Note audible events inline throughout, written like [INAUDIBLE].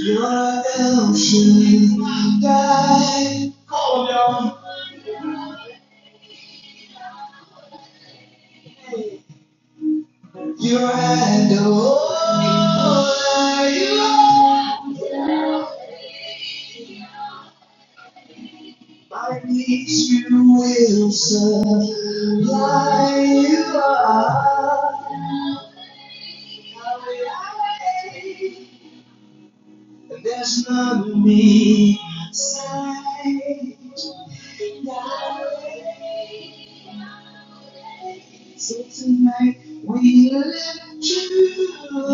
You're ocean you're handle. My needs, you will serve. And There's none of me beside. So tonight we lift you.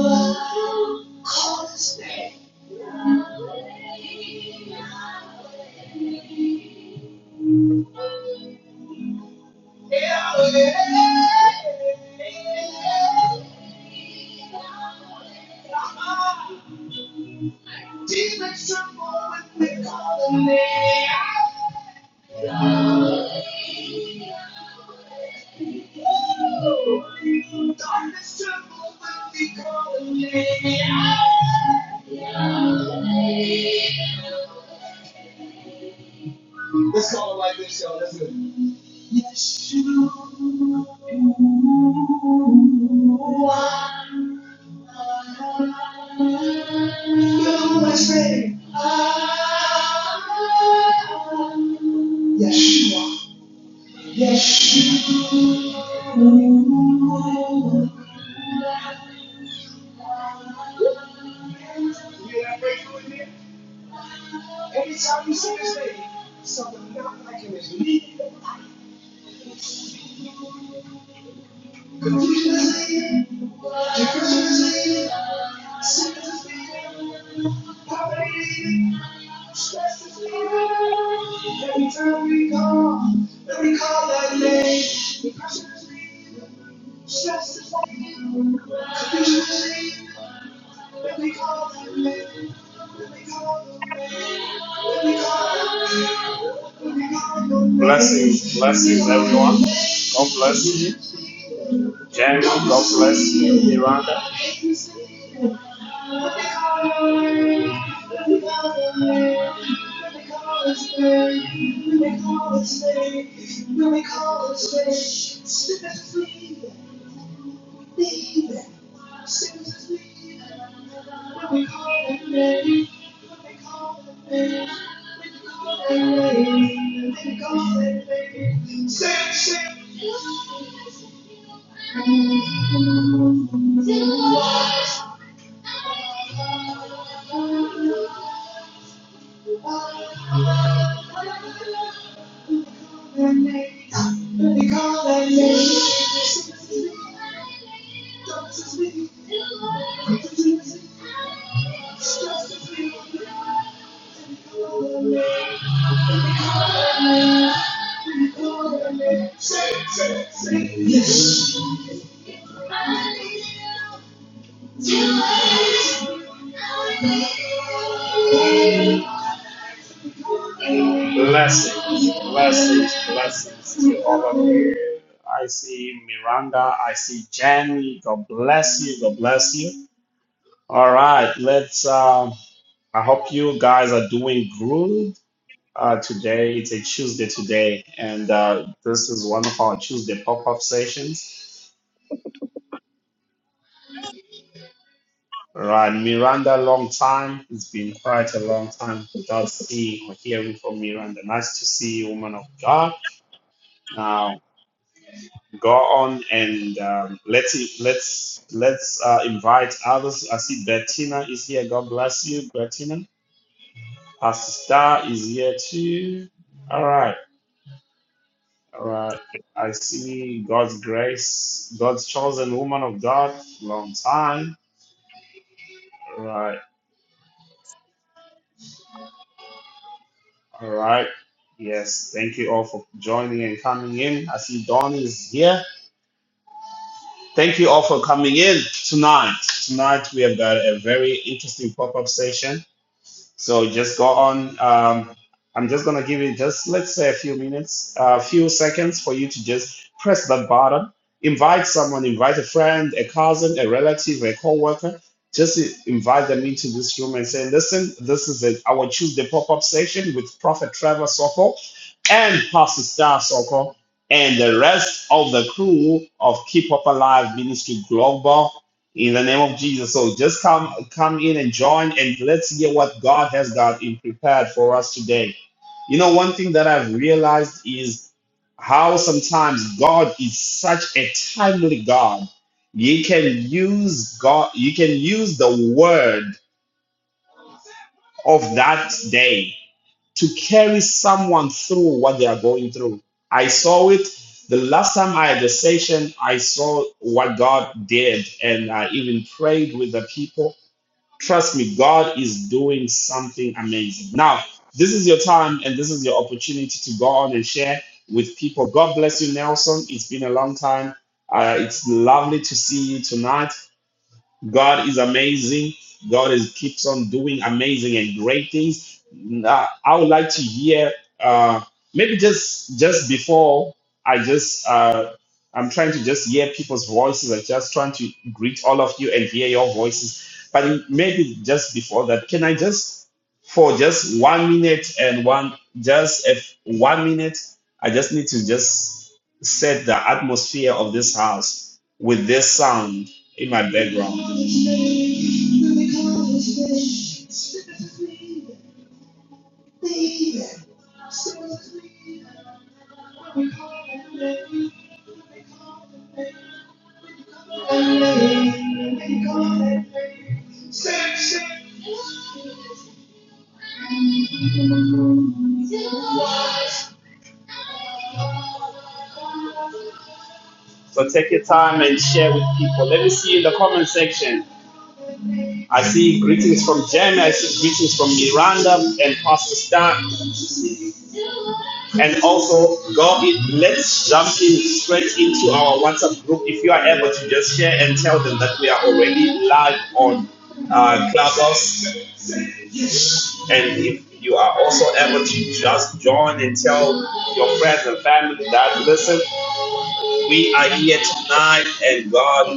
Like this, y'all. That's good. Yes, you. Let's say, yes, you Yes, you are. Confusion is leaving. Depression is leaving. Blessings, blessings, everyone. God bless you. Jerry, God bless you, Miranda. Say, say, Blessings, blessings, blessings to all of you. I see Miranda. I see Jenny. God bless you. God bless you. All right, let's. Um, I hope you guys are doing good uh, today. It's a Tuesday today, and uh, this is one of our Tuesday pop-up sessions. All right, Miranda, long time. It's been quite a long time without seeing or hearing from Miranda. Nice to see you, woman of God. go on and um, let's let's let's uh, invite others. I see Bettina is here. God bless you, Bettina. Pastor Star is here too. All right, all right. I see God's grace, God's chosen woman of God, long time. All right, all right. Yes, thank you all for joining and coming in. I see Dawn is here. Thank you all for coming in tonight. Tonight we have got a very interesting pop-up session So just go on. Um, I'm just gonna give it just let's say a few minutes, a few seconds for you to just press that button. Invite someone, invite a friend, a cousin, a relative, a co-worker. Just invite them into this room and say, listen, this is it. our Tuesday pop-up session with Prophet Trevor Sokol and Pastor Star Sokol and the rest of the crew of Keep Up Alive Ministry Global in the name of Jesus. So just come come in and join and let's hear what God has got in prepared for us today. You know, one thing that I've realized is how sometimes God is such a timely God. You can use God, you can use the word of that day to carry someone through what they are going through. I saw it the last time I had a session, I saw what God did, and I even prayed with the people Trust me, God is doing something amazing. Now, this is your time and this is your opportunity to go on and share with people. God bless you, Nelson. It's been a long time. Uh, it's lovely to see you tonight. God is amazing. God is keeps on doing amazing and great things. Uh, I would like to hear uh, maybe just just before I just uh, I'm trying to just hear people's voices. I'm just trying to greet all of you and hear your voices. But maybe just before that, can I just for just one minute and one just if one minute, I just need to just set the atmosphere of this house with this sound in my background. So take your time and share with people. Let me see in the comment section. I see greetings from Jamie, I see greetings from Miranda and Pastor Stan. And also go in, let's jump in straight into our WhatsApp group. If you are able to just share and tell them that we are already live on uh, Clubhouse And if you are also able to just join and tell your friends and family that, listen, we are here tonight and God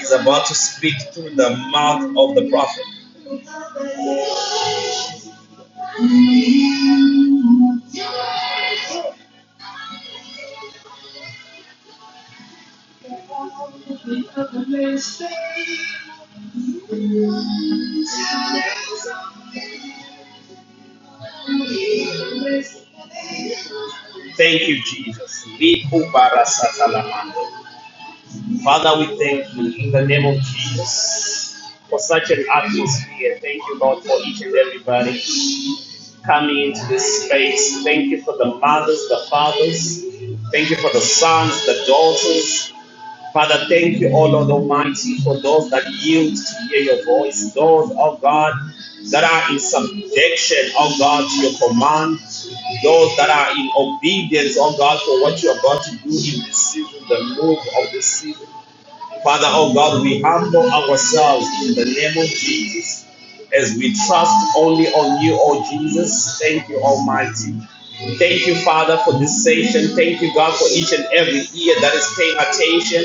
is about to speak through the mouth of the prophet. Thank you, Jesus. Likubarasatalamande. Father, we thank you in the name of Jesus for such an atmosphere. Thank you, Lord, for each and everybody coming into this space. Thank you for the mothers, the fathers. Thank you for the sons, the daughters. Father, thank you, O Lord Almighty, for those that yield to hear your voice, those, oh God, that are in subjection, oh God, to your command, those that are in obedience, oh God, for what you are about to do in this season, the move of this season. Father, oh God, we humble ourselves in the name of Jesus as we trust only on you, oh Jesus. Thank you, Almighty. Thank you, Father, for this session. Thank you, God, for each and every ear that is paying attention.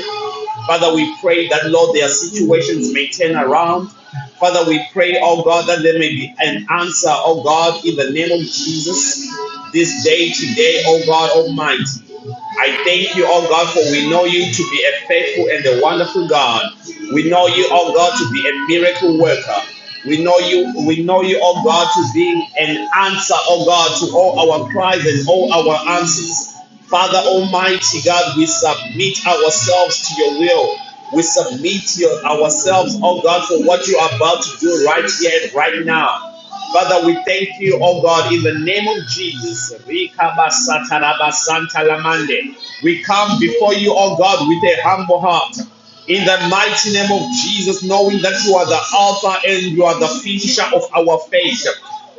Father, we pray that, Lord, their situations may turn around. Father, we pray, oh God, that there may be an answer, oh God, in the name of Jesus, this day, today, oh God Almighty. I thank you, oh God, for we know you to be a faithful and a wonderful God. We know you, oh God, to be a miracle worker. We know you, we know you, oh God, to be an answer, oh God, to all our cries and all our answers. Father Almighty God, we submit ourselves to your will. We submit your, ourselves, oh God, for what you are about to do right here and right now. Father, we thank you, oh God, in the name of Jesus. We come before you, oh God, with a humble heart. In the mighty name of Jesus, knowing that you are the Alpha and you are the finisher of our faith.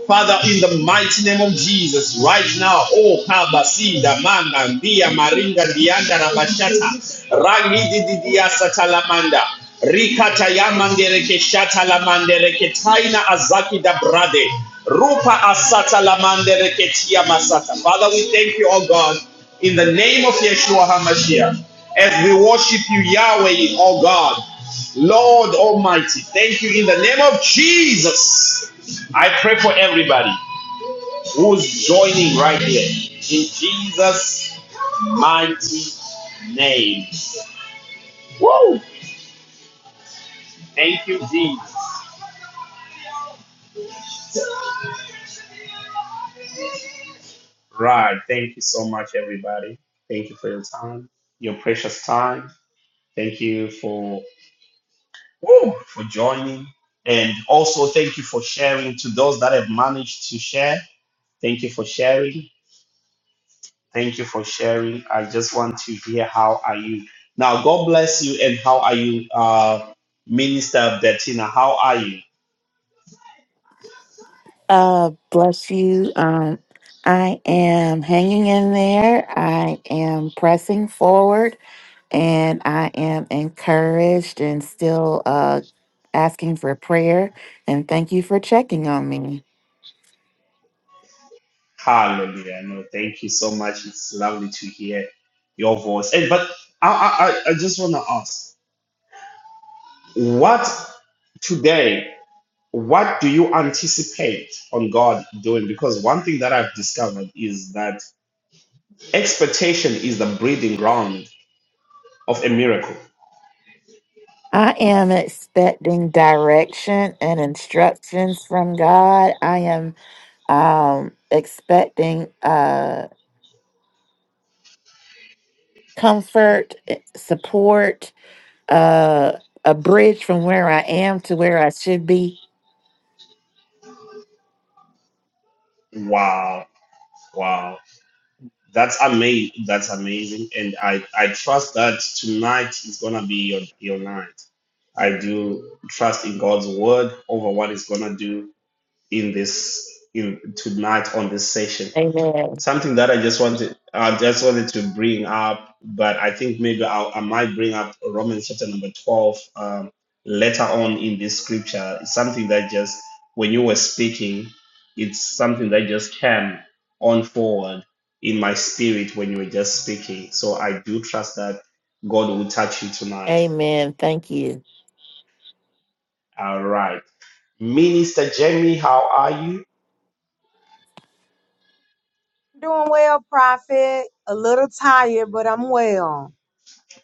Father, in the mighty name of Jesus, right now, oh Kabasinda, Manga, Dia, Maringa, Dianda, Rabashata, Rangi, Didia, Satalamanda, Rikata, Yamandereke, Shatalamandereke, Taina, Azaki, da Brade, Rupa, Asata, Lamandereke, Tia, Masata. Father, we thank you, oh God, in the name of Yeshua HaMashiach as we worship you, Yahweh, oh God, Lord Almighty. Thank you in the name of Jesus. I pray for everybody who's joining right here in Jesus' mighty name. Woo! Thank you, Jesus. Right. Thank you so much, everybody. Thank you for your time, your precious time. Thank you for woo, for joining. And also thank you for sharing to those that have managed to share. Thank you for sharing. Thank you for sharing. I just want to hear how are you. Now, God bless you and how are you, uh, Minister Bettina? How are you? Uh, bless you. Um, I am hanging in there. I am pressing forward, and I am encouraged and still uh asking for prayer. And thank you for checking on me. Hallelujah. No, thank you so much. It's lovely to hear your voice. And but I, I, I I just want to ask, what today? What do you anticipate on God doing? Because one thing that I've discovered is that expectation is the breeding ground of a miracle. I am expecting direction and instructions from God. I am um expecting uh comfort, eh, support, uh a bridge from where I am to where I should be Wow. Wow. That's amazing. That's amazing, and I I trust that tonight is gonna be your your night. I do trust in God's word over what He's gonna do in this in tonight on this session Amen. something that I just wanted I just wanted to bring up, but I think maybe I'll, I might bring up Romans chapter number twelve um, later on in this scripture. It's something that just when you were speaking, it's something that just came on forward in my spirit when you were just speaking. So I do trust that God will touch you tonight. Amen. Thank you. All right, Minister Jamie, how are you? Doing well, Prophet. A little tired, but I'm well.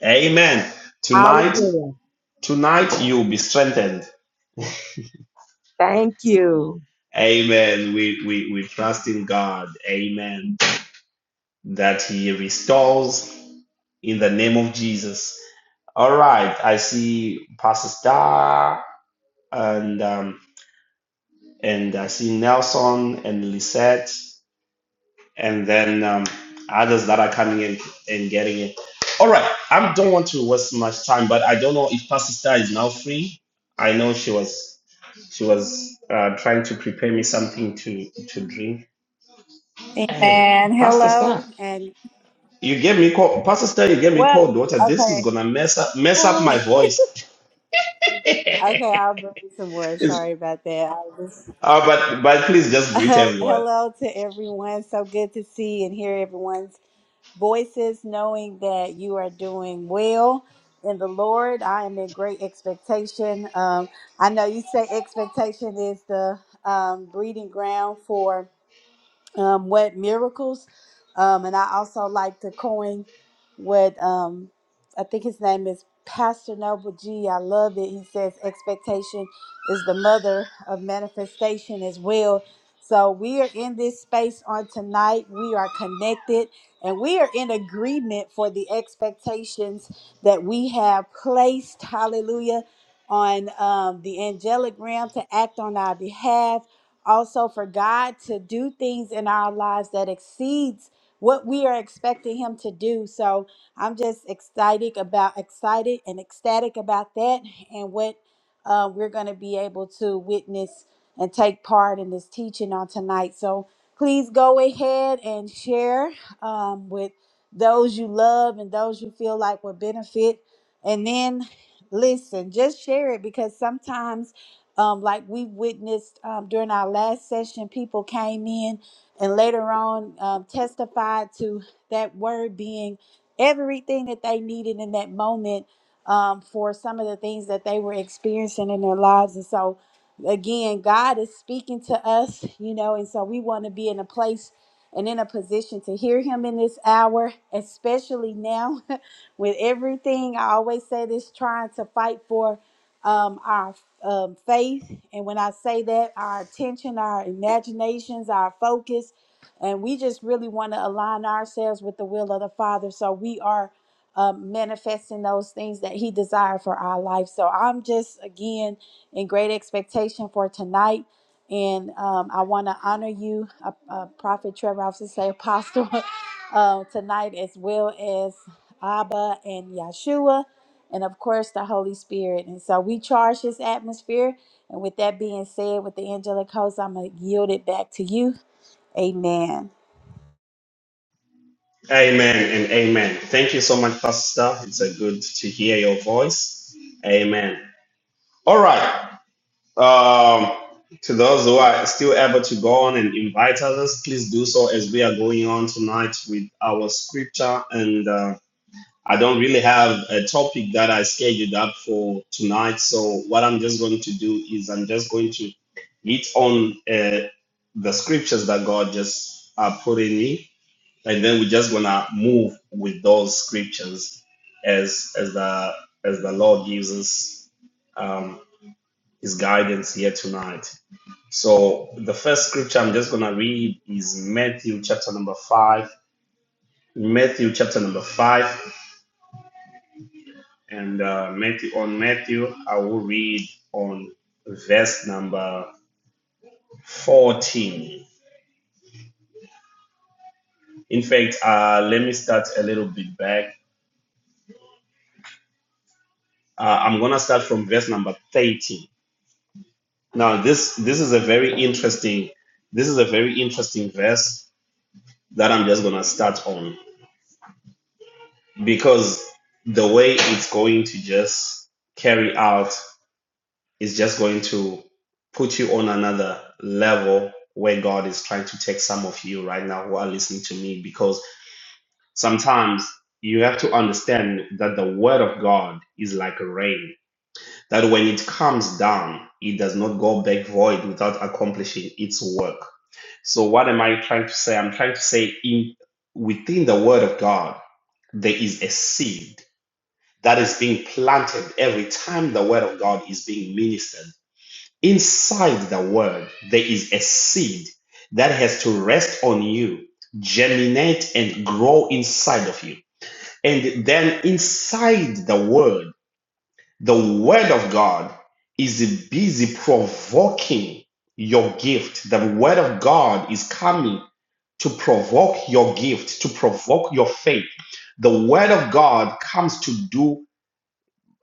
Amen. All is Tonight, well. tonight you will be strengthened Thank you. Amen. We, we, we trust in God. Amen. That He restores in the name of Jesus. All right. I see Pastor Star and um, and I see Nelson and Lisette and then um, others that are coming in and getting it. All right. I don't want to waste much time, but I don't know if Pastor Star is now free. I know she was she was uh, trying to prepare me something to to drink. Hey, Amen. Pastor Star. Hello. And You gave me cold, Pastor Stan, you gave me well, cold water. This is okay. gonna mess up mess up my [LAUGHS] voice. [LAUGHS] Okay, I'll bring some words. It's- Sorry about that. I was, uh, but but please [LAUGHS] just greet everyone. hello to everyone. So good to see and hear everyone's voices, knowing that you are doing well in the Lord. I am in great expectation. Um, I know you say expectation is the um, breeding ground for um, what miracles. Um, and I also like to coin what um, I think his name is Pastor Noble G. I love it. He says expectation is the mother of manifestation as well. So we are in this space on tonight. We are connected and we are in agreement for the expectations that we have placed, hallelujah, on um, the angelic realm to act on our behalf also for God to do things in our lives that exceeds what we are expecting him to do. So I'm just excited about excited and ecstatic about that and what uh, we're going to be able to witness and take part in this teaching on tonight. So please go ahead and share um, with those you love and those you feel like would benefit. And then listen, just share it because sometimes um, like we witnessed um, during our last session, people came in and later on um, testified to that word being everything that they needed in that moment um, for some of the things that they were experiencing in their lives. And so, again, God is speaking to us, you know, and so we want to be in a place and in a position to hear Him in this hour, especially now [LAUGHS] with everything. I always say this trying to fight for. Um, our um, faith. And when I say that, our attention, our imaginations, our focus, and we just really want to align ourselves with the will of the Father. So we are um, manifesting those things that He desired for our life. So I'm just, again, in great expectation for tonight. And um, I want to honor you, uh, uh, Prophet Trevor, I was to say Apostle, [LAUGHS] uh, tonight, as well as Abba and Yeshua and of course the Holy Spirit. And so we charge this atmosphere. And with that being said, with the angelic host, I'm going to yield it back to you. Amen. Amen and amen. Thank you so much, Pastor. Stan. It's a good to hear your voice. Amen. All right. Um, to those who are still able to go on and invite others, please do so as we are going on tonight with our scripture and. um, I don't really have a topic that I scheduled up for tonight. So what I'm just going to do is I'm just going to hit on uh, the scriptures that God just uh, put in me, and then we're just gonna move with those scriptures as as the as the Lord gives us um, His guidance here tonight. So the first scripture I'm just gonna read is Matthew chapter number five. Matthew chapter number five And uh, Matthew, on Matthew, I will read on verse number 14. In fact, uh, let me start a little bit back. Uh, I'm going to start from verse number 13. Now, this, this is a very interesting, this is a very interesting verse that I'm just going to start on because the way it's going to just carry out is just going to put you on another level where God is trying to take some of you right now who are listening to me because sometimes you have to understand that the word of God is like rain, that when it comes down, it does not go back void without accomplishing its work. So, what am I trying to say? I'm trying to say, in within the word of God, there is a seed that is being planted every time the word of God is being ministered Inside the word, there is a seed that has to rest on you, germinate, and grow inside of you. And then inside the word, the word of God is busy provoking your gift. The word of God is coming to provoke your gift, to provoke your faith. The word of God comes to do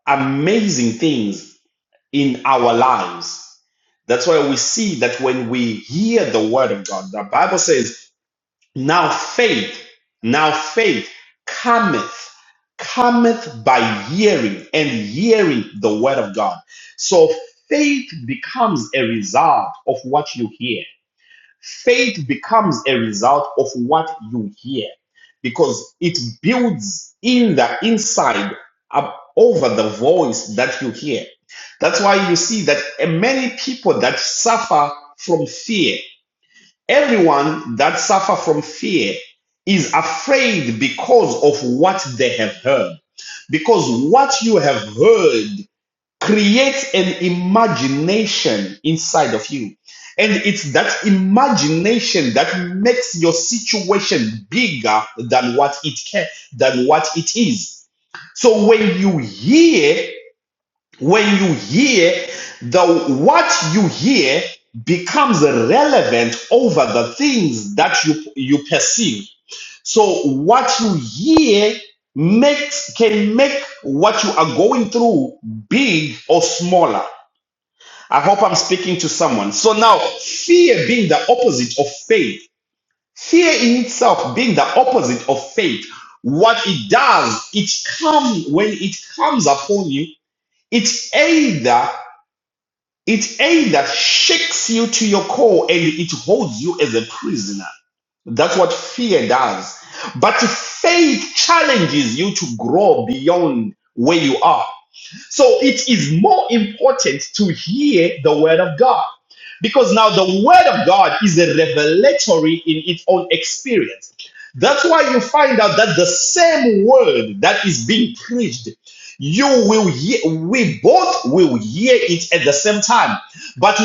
amazing things in our lives. That's why we see that when we hear the word of God, the Bible says, now faith, now faith cometh, cometh by hearing and hearing the word of God. So faith becomes a result of what you hear. Faith becomes a result of what you hear because it builds in the inside up over the voice that you hear. That's why you see that uh, many people that suffer from fear, everyone that suffer from fear is afraid because of what they have heard. Because what you have heard Creates an imagination inside of you. And it's that imagination that makes your situation bigger than what it can, than what it is. So when you hear, when you hear the what you hear becomes relevant over the things that you you perceive. So what you hear makes can make what you are going through big or smaller. I hope I'm speaking to someone. So now, fear being the opposite of faith, fear in itself being the opposite of faith, what it does, it comes when it comes upon you, it either it either shakes you to your core and it holds you as a prisoner. That's what fear does. But faith challenges you to grow beyond where you are. So it is more important to hear the word of God because now the word of God is a revelatory in its own experience. That's why you find out that the same word that is being preached you will hear, we both will hear it at the same time, but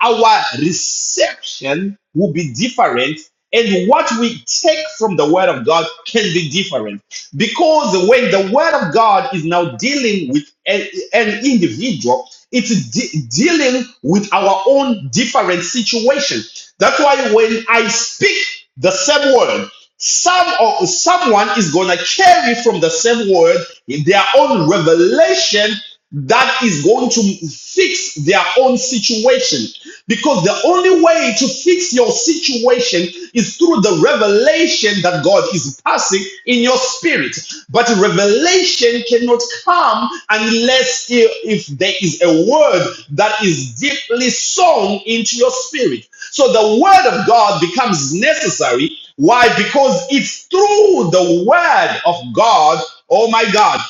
our reception will be different. And what we take from the Word of God can be different. Because when the Word of God is now dealing with a- an individual, it's de- dealing with our own different situation. That's why when I speak the same word. Some or someone is gonna carry from the same word in their own revelation that is going to fix their own situation because the only way to fix your situation is through the revelation that God is passing in your spirit. But revelation cannot come unless if there is a word that is deeply sown into your spirit. So the word of God becomes necessary why? Because it's through the word of God, oh my God,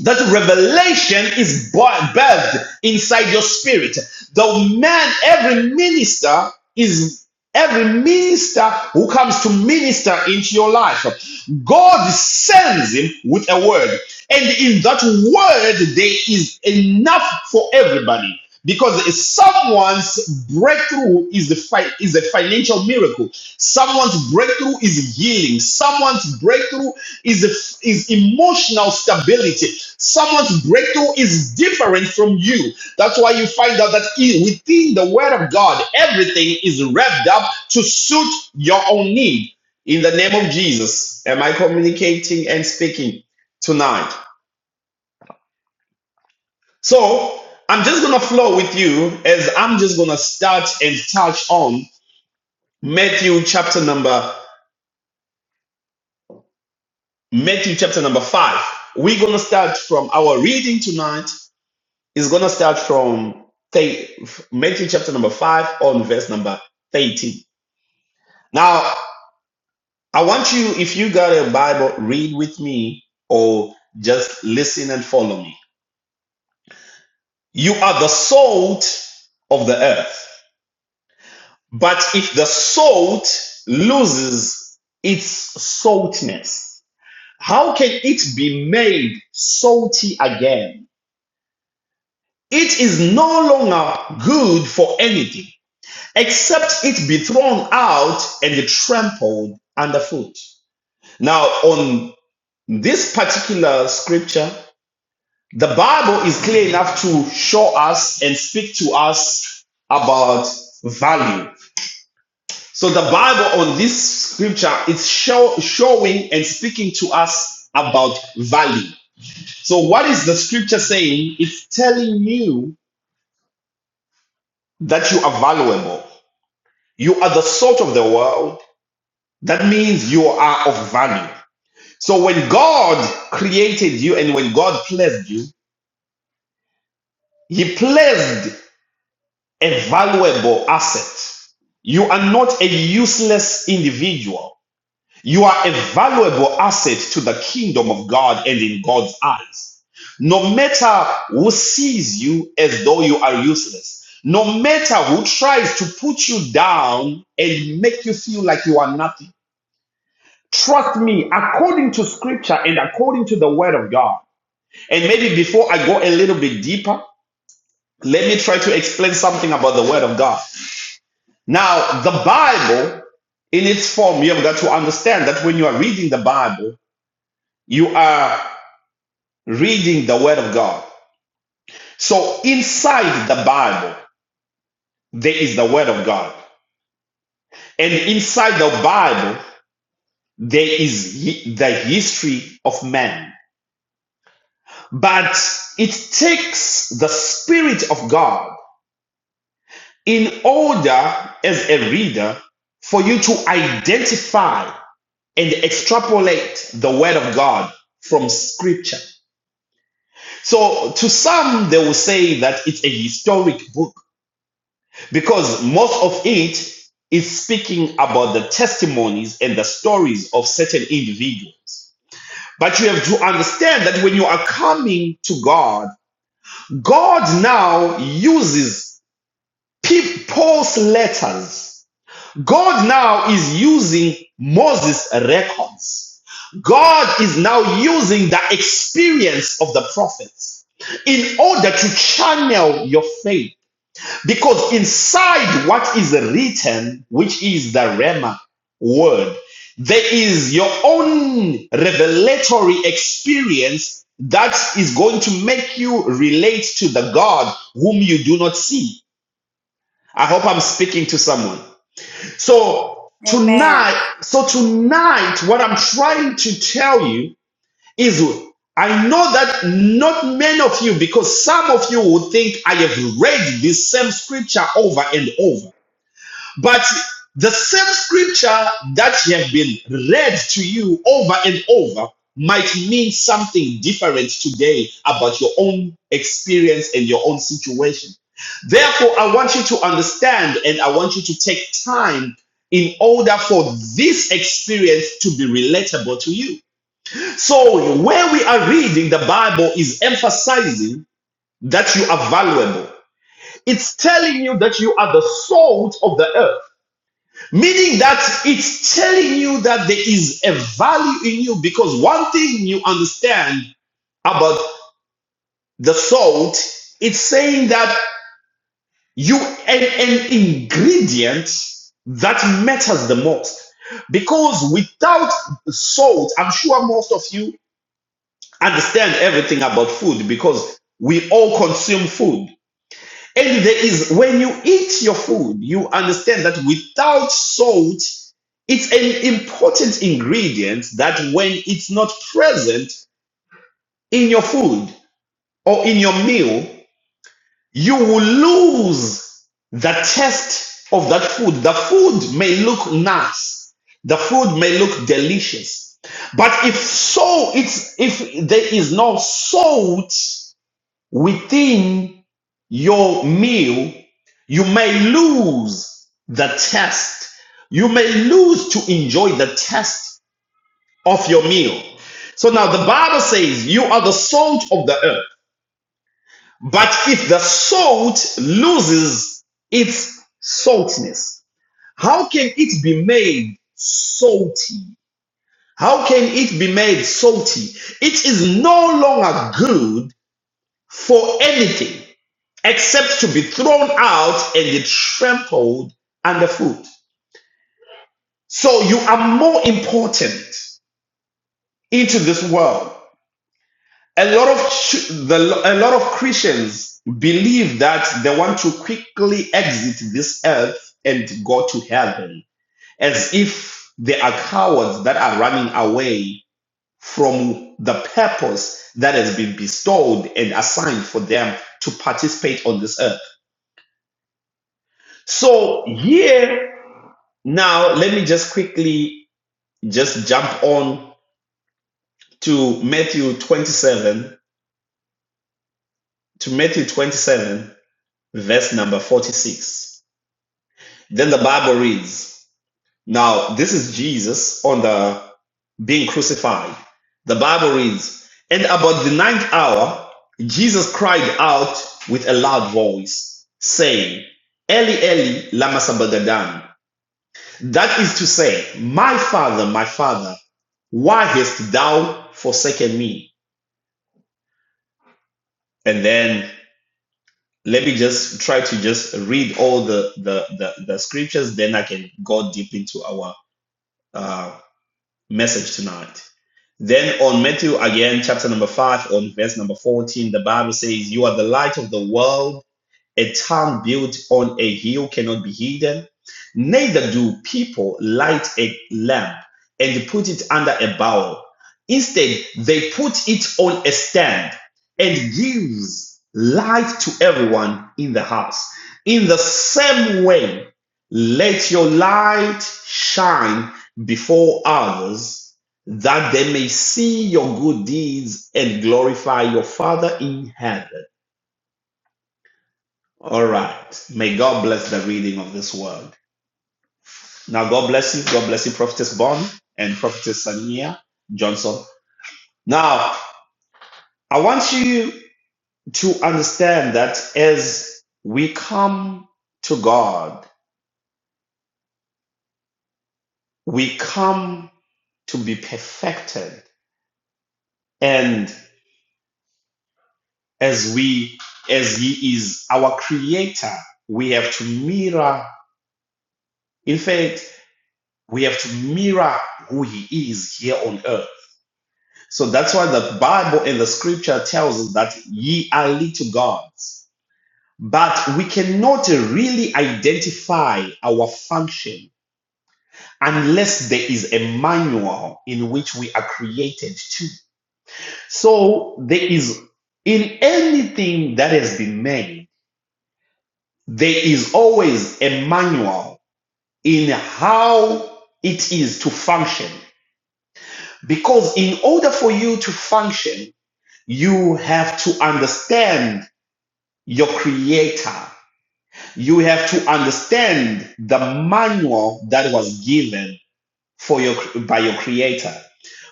that revelation is birthed inside your spirit. The man, every minister is every minister who comes to minister into your life. God sends him with a word. And in that word, there is enough for everybody. Because someone's breakthrough is the fi- is a financial miracle. Someone's breakthrough is healing. Someone's breakthrough is, a, is emotional stability. Someone's breakthrough is different from you. That's why you find out that i- within the Word of God, everything is revved up to suit your own need. In the name of Jesus, am I communicating and speaking tonight? So I'm just going to flow with you as I'm just going to start and touch on Matthew chapter number Matthew chapter number 5. We're going to start from our reading tonight It's going to start from Matthew chapter number 5 on verse number 13. Now, I want you, if you got a Bible, read with me or just listen and follow me. You are the salt of the earth. But if the salt loses its saltiness, how can it be made salty again? It is no longer good for anything except it be thrown out and trampled underfoot. Now, on this particular scripture, the Bible is clear enough to show us and speak to us about value. So the Bible on this scripture is show, showing and speaking to us about value. So what is the scripture saying? It's telling you that you are valuable. You are the salt of the world. That means you are of value. So when God created you and when God placed you, He placed a valuable asset. You are not a useless individual. You are a valuable asset to the kingdom of God and in God's eyes. No matter who sees you as though you are useless, no matter who tries to put you down and make you feel like you are nothing, trust me, according to scripture and according to the word of God. And maybe before I go a little bit deeper, let me try to explain something about the Word of God. Now, the Bible, in its form, you have got to understand that when you are reading the Bible, you are reading the Word of God. So, inside the Bible, there is the Word of God. And inside the Bible, there is the history of man. But it takes the Spirit of God in order as a reader for you to identify and extrapolate the word of God from scripture. So to some, they will say that it's a historic book because most of it is speaking about the testimonies and the stories of certain individuals. But you have to understand that when you are coming to God, God now uses Paul's letters God now is using Moses' records. God is now using the experience of the prophets in order to channel your faith. Because inside what is written, which is the Rema word, there is your own revelatory experience that is going to make you relate to the God whom you do not see. I hope I'm speaking to someone. So Amen. tonight, so tonight, what I'm trying to tell you is I know that not many of you, because some of you would think I have read this same scripture over and over. But the same scripture that have been read to you over and over might mean something different today about your own experience and your own situation. Therefore, I want you to understand and I want you to take time in order for this experience to be relatable to you. So, where we are reading the Bible is emphasizing that you are valuable. It's telling you that you are the salt of the earth. Meaning that it's telling you that there is a value in you because one thing you understand about the salt, it's saying that you an, an ingredient that matters the most. Because without salt, I'm sure most of you understand everything about food because we all consume food. And there is, when you eat your food, you understand that without salt, it's an important ingredient that when it's not present in your food or in your meal, you will lose the taste of that food. The food may look nice, the food may look delicious. But if so, it's if there is no salt within your meal, you may lose the test. You may lose to enjoy the test of your meal. So now the Bible says, You are the salt of the earth. But if the salt loses its saltiness, how can it be made salty? How can it be made salty? It is no longer good for anything. except to be thrown out and be trampled underfoot. So you are more important into this world. A lot of the, a lot of Christians believe that they want to quickly exit this earth and go to heaven, as if they are cowards that are running away from the purpose that has been bestowed and assigned for them to participate on this earth. So here Now, let me just quickly just jump on to Matthew 27, to Matthew 27, verse number 46. Then the Bible reads, now this is Jesus on the being crucified. The Bible reads, and about the ninth hour, Jesus cried out with a loud voice, saying, Eli, Eli, lama sabachthani? That is to say, My father, my father, why hast thou forsaken me? And then let me just try to just read all the the, the, the scriptures, then I can go deep into our uh, message tonight. Then on Matthew again, chapter number five, on verse number 14, the Bible says, You are the light of the world. A town built on a hill cannot be hidden. Neither do people light a lamp and put it under a bowl. Instead, they put it on a stand and gives light to everyone in the house. In the same way, let your light shine before others that they may see your good deeds and glorify your Father in heaven all right. May God bless the reading of this word. Now, God bless you. God bless you, Prophetess Bond and Prophetess Sania Johnson. Now, I want you to understand that as we come to God, we come to be perfected. And as we, as He is our creator, we have to mirror, in fact, we have to mirror who He is here on earth So that's why the Bible and the scripture tells us that ye are little gods. But we cannot really identify our function unless there is a manual in which we are created to. So there is, in anything that has been made, there is always a manual in how it is to function. Because in order for you to function, you have to understand your creator. You have to understand the manual that was given for your by your creator.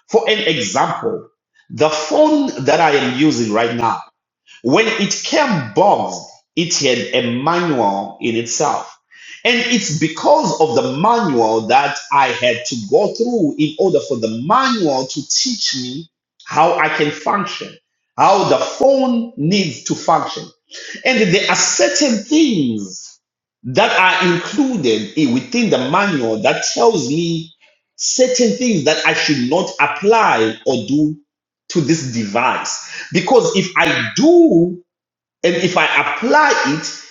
For an example, the phone that I am using right now when it came boxed, it had a manual in itself. And it's because of the manual that I had to go through in order for the manual to teach me how I can function, how the phone needs to function. And there are certain things that are included within the manual that tells me certain things that I should not apply or do to this device. Because if I do and if I apply it,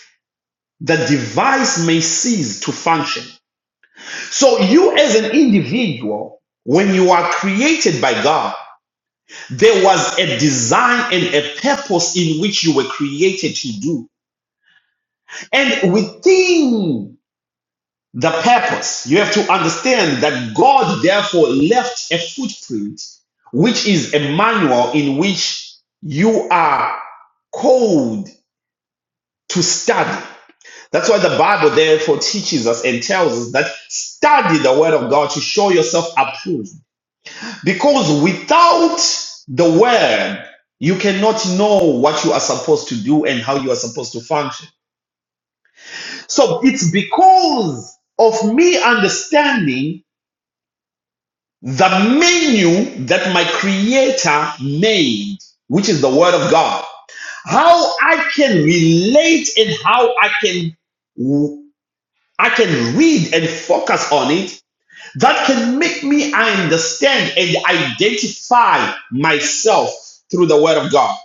the device may cease to function. So, you as an individual, when you are created by God, there was a design and a purpose in which you were created to do. And within the purpose, you have to understand that God therefore left a footprint, which is a manual in which you are called to study. That's why the Bible therefore teaches us and tells us that study the word of God to show yourself approved. Because without the word, you cannot know what you are supposed to do and how you are supposed to function. So it's because of me understanding the menu that my creator made, which is the word of God, how I can relate and how I can I can read and focus on it that can make me understand and identify myself through the Word of God.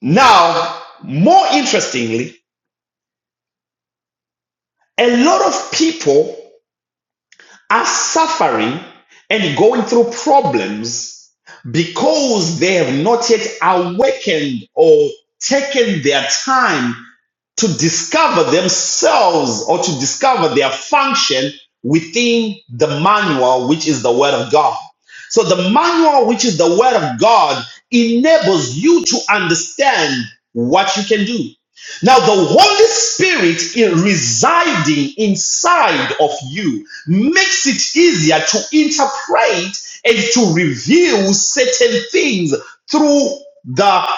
Now, more interestingly, a lot of people are suffering and going through problems because they have not yet awakened or taken their time to discover themselves or to discover their function within the manual, which is the Word of God. So, the manual, which is the Word of God, enables you to understand what you can do. Now, the Holy Spirit in residing inside of you makes it easier to interpret and to reveal certain things through the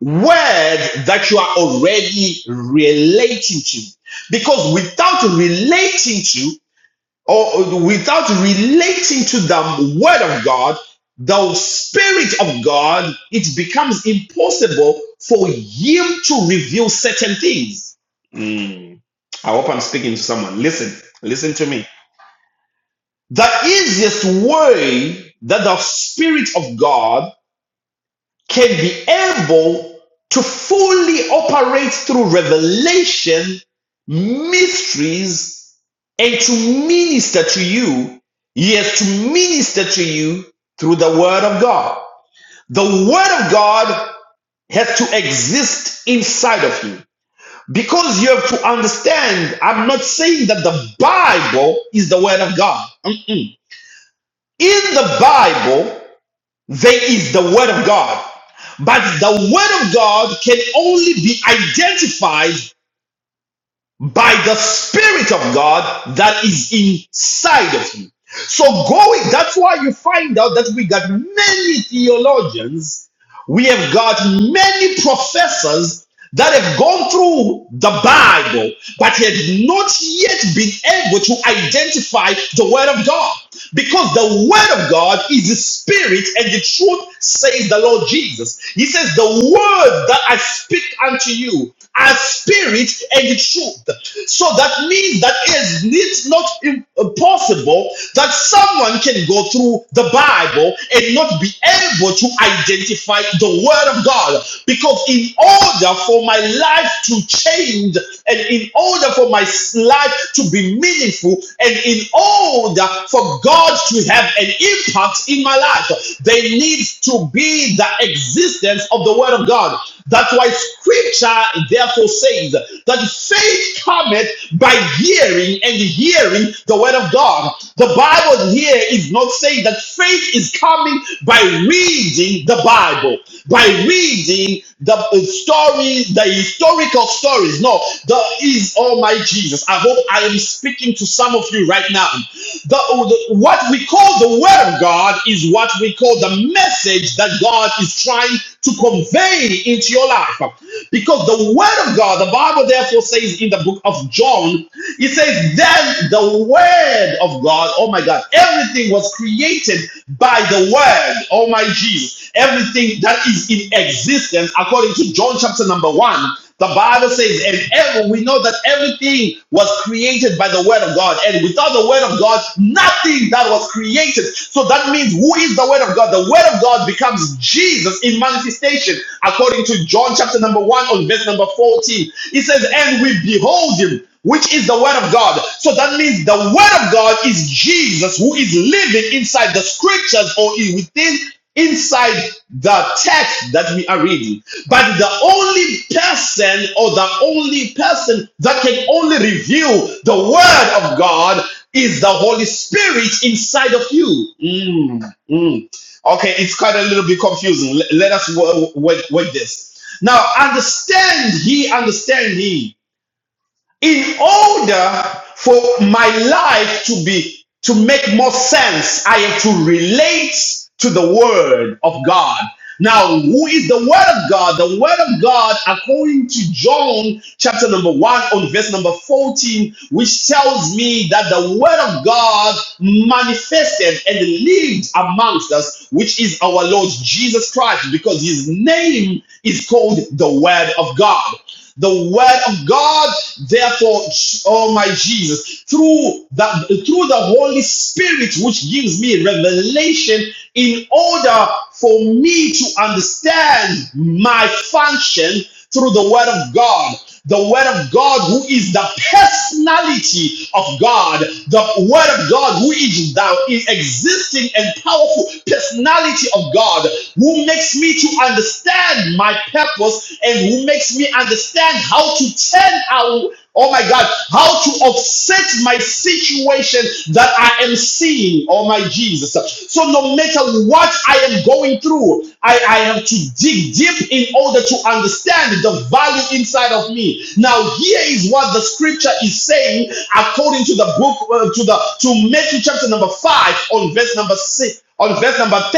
word that you are already relating to. Because without relating to, or without relating to the word of God, the spirit of God, it becomes impossible for him to reveal certain things. Mm. I hope I'm speaking to someone. Listen, listen to me. The easiest way that the spirit of God can be able to fully operate through revelation, mysteries, and to minister to you, yes, to minister to you through the Word of God. The Word of God has to exist inside of you because you have to understand. I'm not saying that the Bible is the Word of God. Mm-mm. In the Bible, there is the Word of God. But the Word of God can only be identified by the Spirit of God that is inside of you. So go with that's why you find out that we got many theologians, we have got many professors that have gone through the Bible, but have not yet been able to identify the Word of God. Because the Word of God is the Spirit and the truth, says the Lord Jesus. He says, The Word that I speak unto you are spirit and truth. So that means that it's not impossible that someone can go through the Bible and not be able to identify the Word of God. Because in order for my life to change, and in order for my life to be meaningful, and in order for God to have an impact in my life, there needs to be the existence of the Word of God. That's why scripture therefore says that faith cometh by hearing and hearing the word of God. The Bible here is not saying that faith is coming by reading the Bible, by reading the uh, stories, the historical stories. No, the is oh my Jesus. I hope I am speaking to some of you right now. The, uh, the what we call the word of God is what we call the message that God is trying trying to convey into your life. Because the word of God, the Bible therefore says in the book of John, it says, Then the word of God, oh my God, everything was created by the word, oh my Jesus. Everything that is in existence, according to John chapter number one. The Bible says, and ever we know that everything was created by the word of God, and without the word of God, nothing that was created. So that means who is the word of God? The word of God becomes Jesus in manifestation, according to John chapter number one on verse number 14. It says, and we behold him. Which is the word of God. So that means the word of God is Jesus who is living inside the scriptures or within inside the text that we are reading. But the only person or the only person that can only reveal the word of God is the Holy Spirit inside of you. Mm, mm. Okay, it's quite a little bit confusing. Let, let us work, work, work this. Now, understand he, understand he in order for my life to be to make more sense i have to relate to the word of god now who is the word of god the word of god according to john chapter number 1 on verse number 14 which tells me that the word of god manifested and lived amongst us which is our lord jesus christ because his name is called the word of god the word of God, therefore, oh my Jesus, through the through the Holy Spirit, which gives me revelation in order for me to understand my function through the word of God the word of God who is the personality of God, the word of God who is the existing and powerful personality of God who makes me to understand my purpose and who makes me understand how to turn out Oh my God, how to offset my situation that I am seeing. Oh my Jesus. So no matter what I am going through, I, I have to dig deep in order to understand the value inside of me. Now here is what the scripture is saying according to the book uh, to the to Matthew chapter number five on verse number six on verse number 13,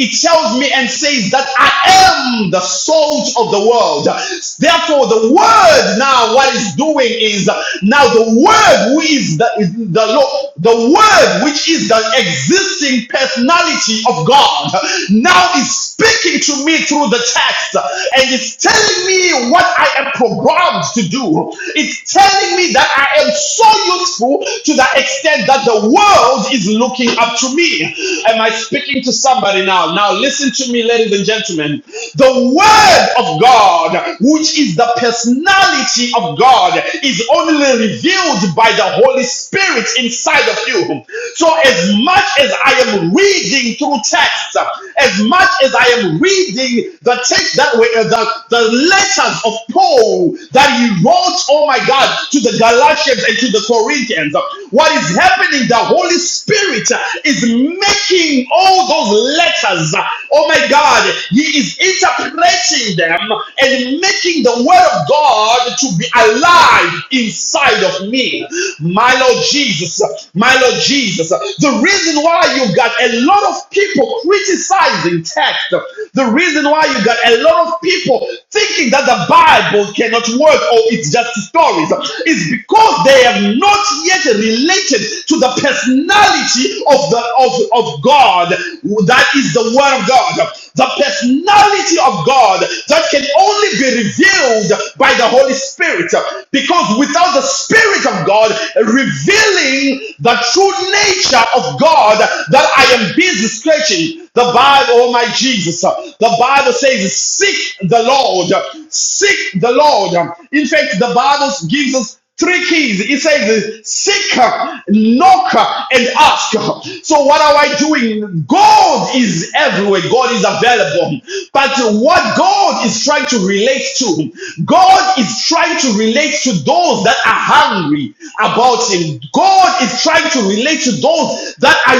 it tells me and says that I am the salt of the world. Therefore, the word now, what it's doing is now the word who is the, is the Lord, the word which is the existing personality of God, now is speaking to me through the text and it's telling me what I am programmed to do. It's telling me that I am so useful to the extent that the the world is looking up to me. Am I speaking to somebody now? Now, listen to me, ladies and gentlemen. The Word of God, which is the personality of God, is only revealed by the Holy Spirit inside of you. So, as much as I am reading through text, as much as I am reading the text that way, uh, the, the letters of Paul that he wrote, oh my God, to the Galatians and to the Corinthians. What is happening? The Holy Spirit is making all those letters. Oh my God, He is interpreting them and making the Word of God to be alive inside of me. My Lord Jesus, my Lord Jesus. The reason why you got a lot of people criticizing text, the reason why you got a lot of people thinking that the Bible cannot work or it's just stories. It's because they have not yet related to the personality of the of, of God. That is the word of God. The personality of God that can only be revealed by the Holy Spirit. Because without the Spirit of God revealing the true nature of God that I am busy scratching, the Bible, oh my Jesus, the Bible says, seek the Lord. Lord. Seek the Lord. In fact, the Bible gives us three keys. It says, seek, knock, and ask. So what are I doing? God is everywhere. God is available. But what God is trying to relate to, God is trying to relate to those that are hungry about Him. God is trying to relate to those that are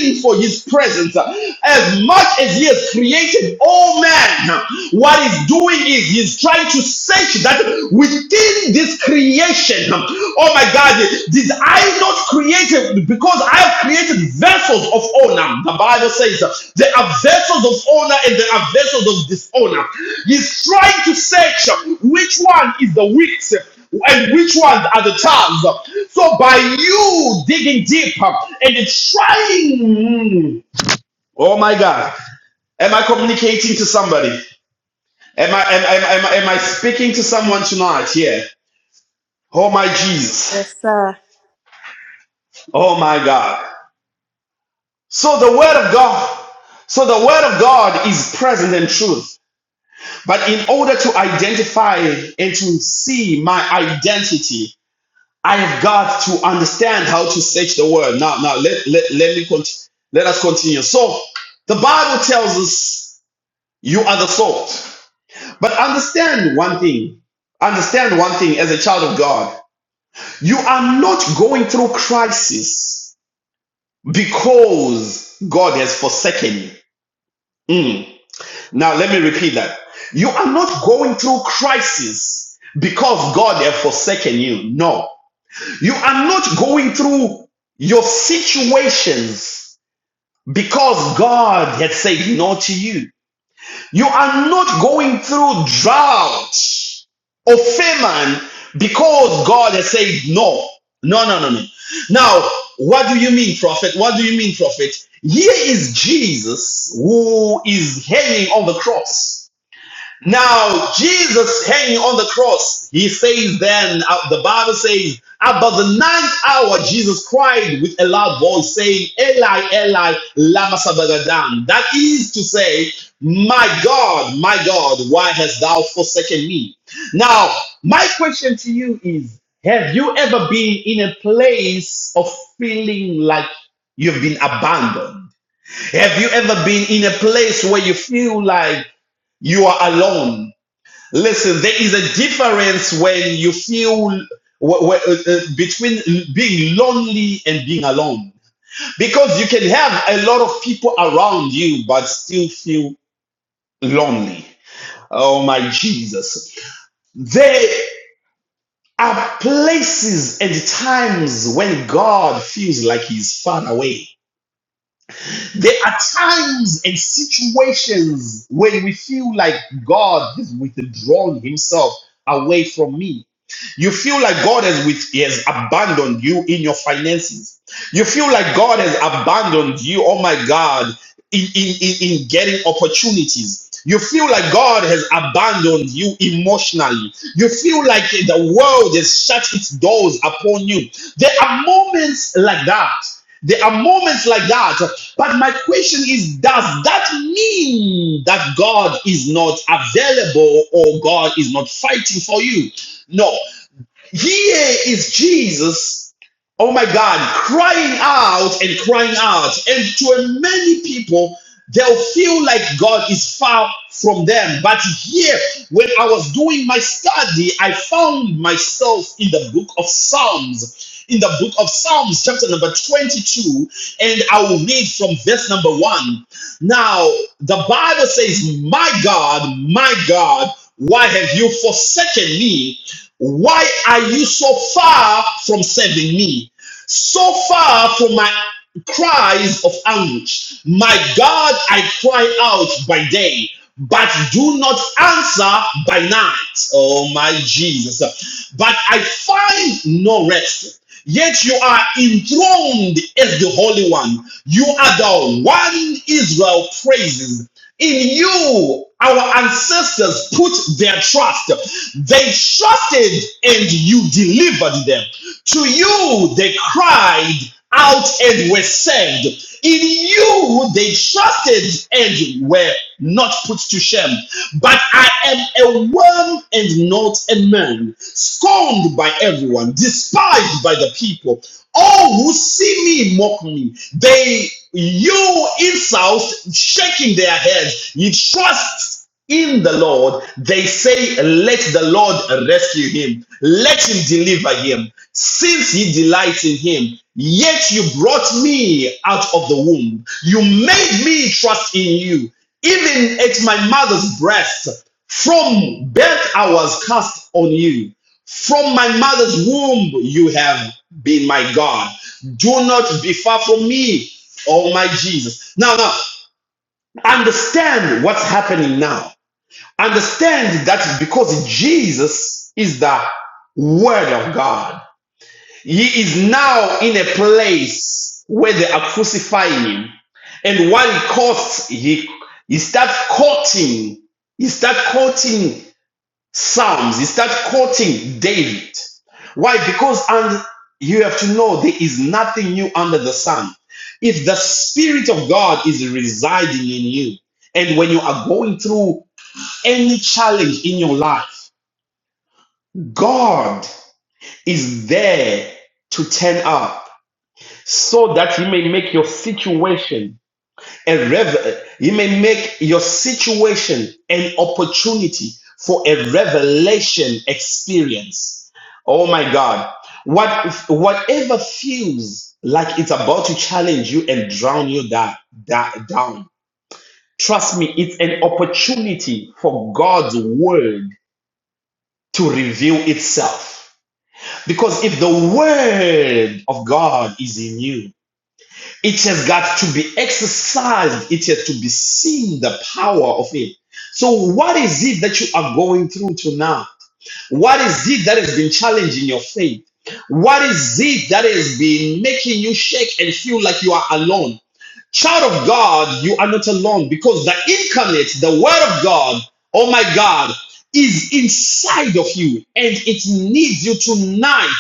yearning for His presence. As much as He has created created all man, what he's doing is he's trying to search that within this creation. Oh my God, did I not create it? Because I have created vessels of honor. The Bible says there are vessels of honor and there are vessels of dishonor. He's trying to search which one is the weakest and which ones are the times. So by you digging deeper and trying. Oh my God. Am I communicating to somebody? Am I am, am, am, am I speaking to someone tonight here? Oh my Jesus. Yes, sir. Oh my God. So the word of God. So the word of God is present in truth. But in order to identify and to see my identity, I have got to understand how to search the word. Now, now let, let, let me continue. Let us continue. So the Bible tells us you are the salt. But understand one thing. Understand one thing as a child of God. You are not going through crisis because God has forsaken you. Mm. Now, let me repeat that. You are not going through crisis because God has forsaken you. No. You are not going through your situations because God has said no to you. You are not going through drought or famine because God has said no. No, no, no, no. Now, what do you mean, prophet? What do you mean, prophet? Here is Jesus who is hanging on the cross. Now, Jesus hanging on the cross, he says then, uh, the Bible says, about the ninth hour, Jesus cried with a loud voice, saying, Eli, Eli, lama sabagadan. That is to say, my God, my God, why hast thou forsaken me? Now, my question to you is, have you ever been in a place of feeling like you've been abandoned? Have you ever been in a place where you feel like you are alone? Listen, there is a difference when you feel wh- wh- uh, uh, between being lonely and being alone. Because you can have a lot of people around you, but still feel lonely. Oh my Jesus. There are places and times when God feels like He's far away. There are times and situations where we feel like God is withdrawing Himself away from me. You feel like God has with has abandoned you in your finances. You feel like God has abandoned you, oh my God, in, in, in, in getting opportunities. You feel like God has abandoned you emotionally. You feel like the world has shut its doors upon you. There are moments like that. There are moments like that. But my question is Does that mean that God is not available or God is not fighting for you? No. Here is Jesus, oh my God, crying out and crying out. And to many people, they'll feel like God is far from them. But here, when I was doing my study, I found myself in the book of Psalms. In the book of Psalms, chapter number 22, and I will read from verse number 1. Now, the Bible says, My God, my God, why have you forsaken me? Why are you so far from saving me? So far from my cries of anguish, my God, I cry out by day, but do not answer by night. Oh my Jesus. But I find no rest. Yet you are enthroned as the Holy One. You are the one Israel praises. In you, our ancestors put their trust. They trusted and you delivered them. To you, they cried out and were saved. In you, they trusted and were not put to shame. But I am a worm and not a man, scorned by everyone, despised by the people. All who see me mock me. They you insult, shaking their heads. You trust in the Lord. They say, Let the Lord rescue him. Let him deliver him. Since he delights in him, yet you brought me out of the womb. You made me trust in you. Even at my mother's breast, from birth I was cast on you. From my mother's womb, you have been my God. Do not be far from me, oh my Jesus. Now, now, understand what's happening now. Understand that because Jesus is the Word of God, he is now in a place where they are crucifying him. And while he costs, he, he starts quoting. He starts quoting. Psalms. He starts quoting David. Why? Because and you have to know there is nothing new under the sun. If the Spirit of God is residing in you, and when you are going through any challenge in your life, God is there to turn up so that He may make your situation a revel you may make your situation an opportunity for a revelation experience oh my god what whatever feels like it's about to challenge you and drown you that, that down trust me it's an opportunity for god's word to reveal itself because if the word of god is in you it has got to be exercised. It has to be seen the power of it. So, what is it that you are going through to now? What is it that has been challenging your faith? What is it that has been making you shake and feel like you are alone? Child of God, you are not alone because the incarnate, the Word of God, oh my God, is inside of you and it needs you tonight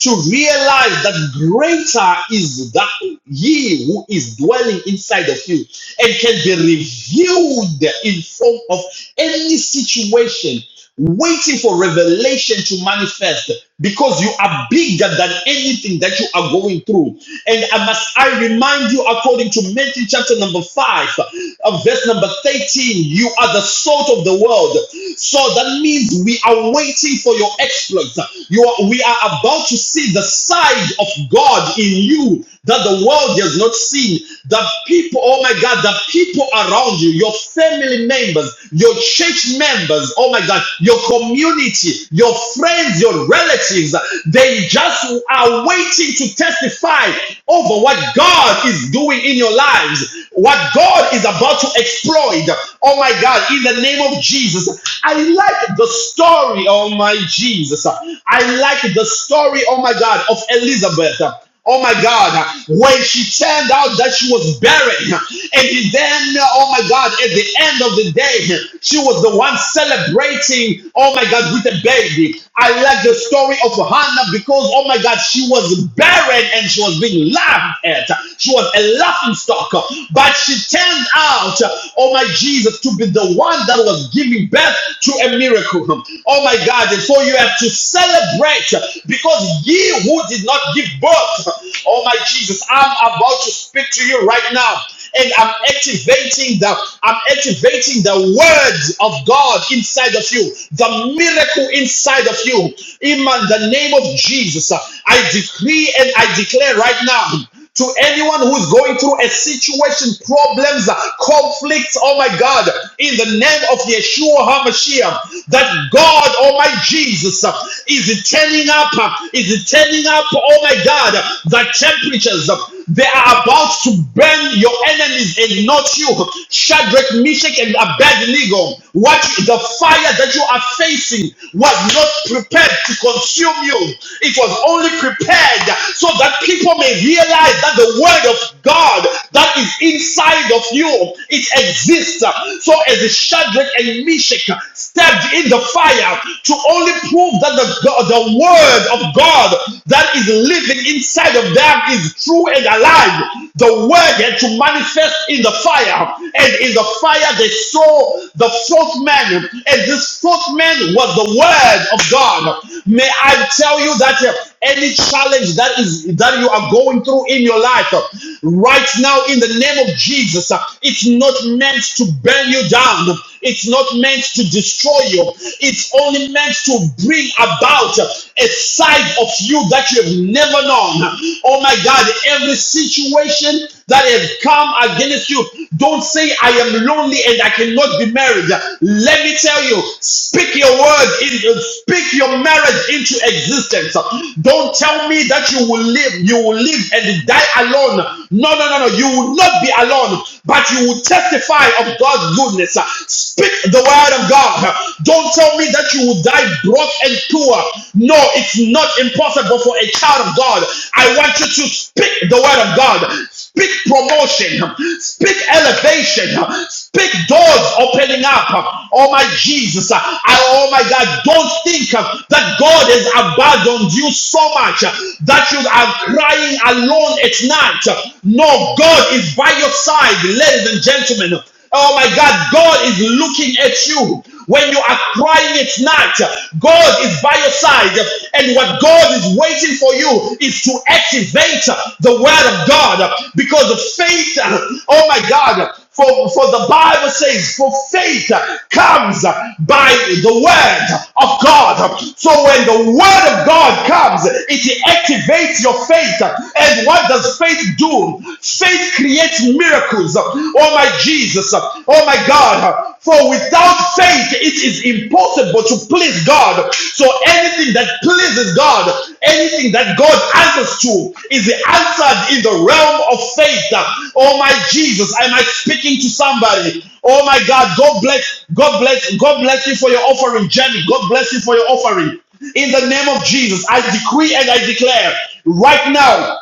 to realize that greater is that ye who is dwelling inside of you and can be revealed in form of any situation waiting for revelation to manifest because you are bigger than anything that you are going through. And I must I remind you, according to Matthew chapter number five, uh, verse number 13, you are the salt of the world. So that means we are waiting for your exploits. You are, we are about to see the side of God in you that the world has not seen. The people, oh my God, the people around you, your family members neighbors, your church members, oh my God, your community, your friends, your relatives, they just are waiting to testify over what God is doing in your lives, what God is about to exploit. Oh my God, in the name of Jesus. I like the story, oh my Jesus. I like the story, oh my God, of Elizabeth. Oh my God, when she turned out that she was barren, and then, oh my God, at the end of the day, she was the one celebrating, oh my God, with a baby. I like the story of Hannah because, oh my God, she was barren and she was being laughed at. She was a laughing stock, but she turned out, oh my Jesus, to be the one that was giving birth to a miracle. Oh my God, and so you have to celebrate because ye who did not give birth. Oh my Jesus, I'm about to speak to you right now. And I'm activating the I'm activating the word of God inside of you, the miracle inside of you. In the name of Jesus, I decree and I declare right now to anyone who's going through a situation, problems, conflicts, oh my God, in the name of Yeshua HaMashiach, that God, oh my Jesus, is turning up, is turning up, oh my God, the temperatures, they are about to burn your enemies and not you. Shadrach, Meshach, and Abednego. What the fire that you are facing was not prepared to consume you. It was only prepared so that people may realize that the word of God that is inside of you it exists. So as Shadrach and Meshach stepped in the fire to only prove that the the word of God that that is living inside of them is true and alive. The word had to manifest in the fire. And in the fire, they saw the fourth man. And this fourth man was the word of God. May I tell you that uh, any challenge that is that you are going through in your life uh, right now, in the name of Jesus, uh, it's not meant to burn you down. It's not meant to destroy you. It's only meant to bring bring about a side of you that you have never known. Oh my God, every situation that has come against you, don't say, I am lonely and I cannot be married. Let me tell you, speak your word, in, speak your marriage into existence. Don't tell me that you will live, you will live and die alone. No, no, no, no. You will not be alone, but you will testify of God's goodness. Speak the word of God. Don't tell me that you will die broke and poor. No, it's not impossible for a child of God. I want you to speak the word of God. Speak promotion. Speak elevation. Speak doors opening up. Oh my Jesus. I, oh my God. Don't think that God has abandoned you so much that you are crying alone at night. No, God is by your side, ladies and gentlemen. Oh my God, God is looking at you. When you are crying, at night, God is by your side. And what God is waiting for you is to activate the word of God because of faith. Oh my God. For, for the Bible says, for faith comes by the word of God. So when the word of God comes, it activates your faith. And what does faith do? Faith creates miracles oh my Jesus, oh my God. For without faith, it is impossible to please God. So anything that pleases God, anything that God answers to, is answered in the realm of faith. Oh my Jesus, am I speaking to somebody? Oh my God, God bless, God bless, God bless you for your offering, Jenny. God bless you for your offering. In the name of Jesus, I decree and I declare right now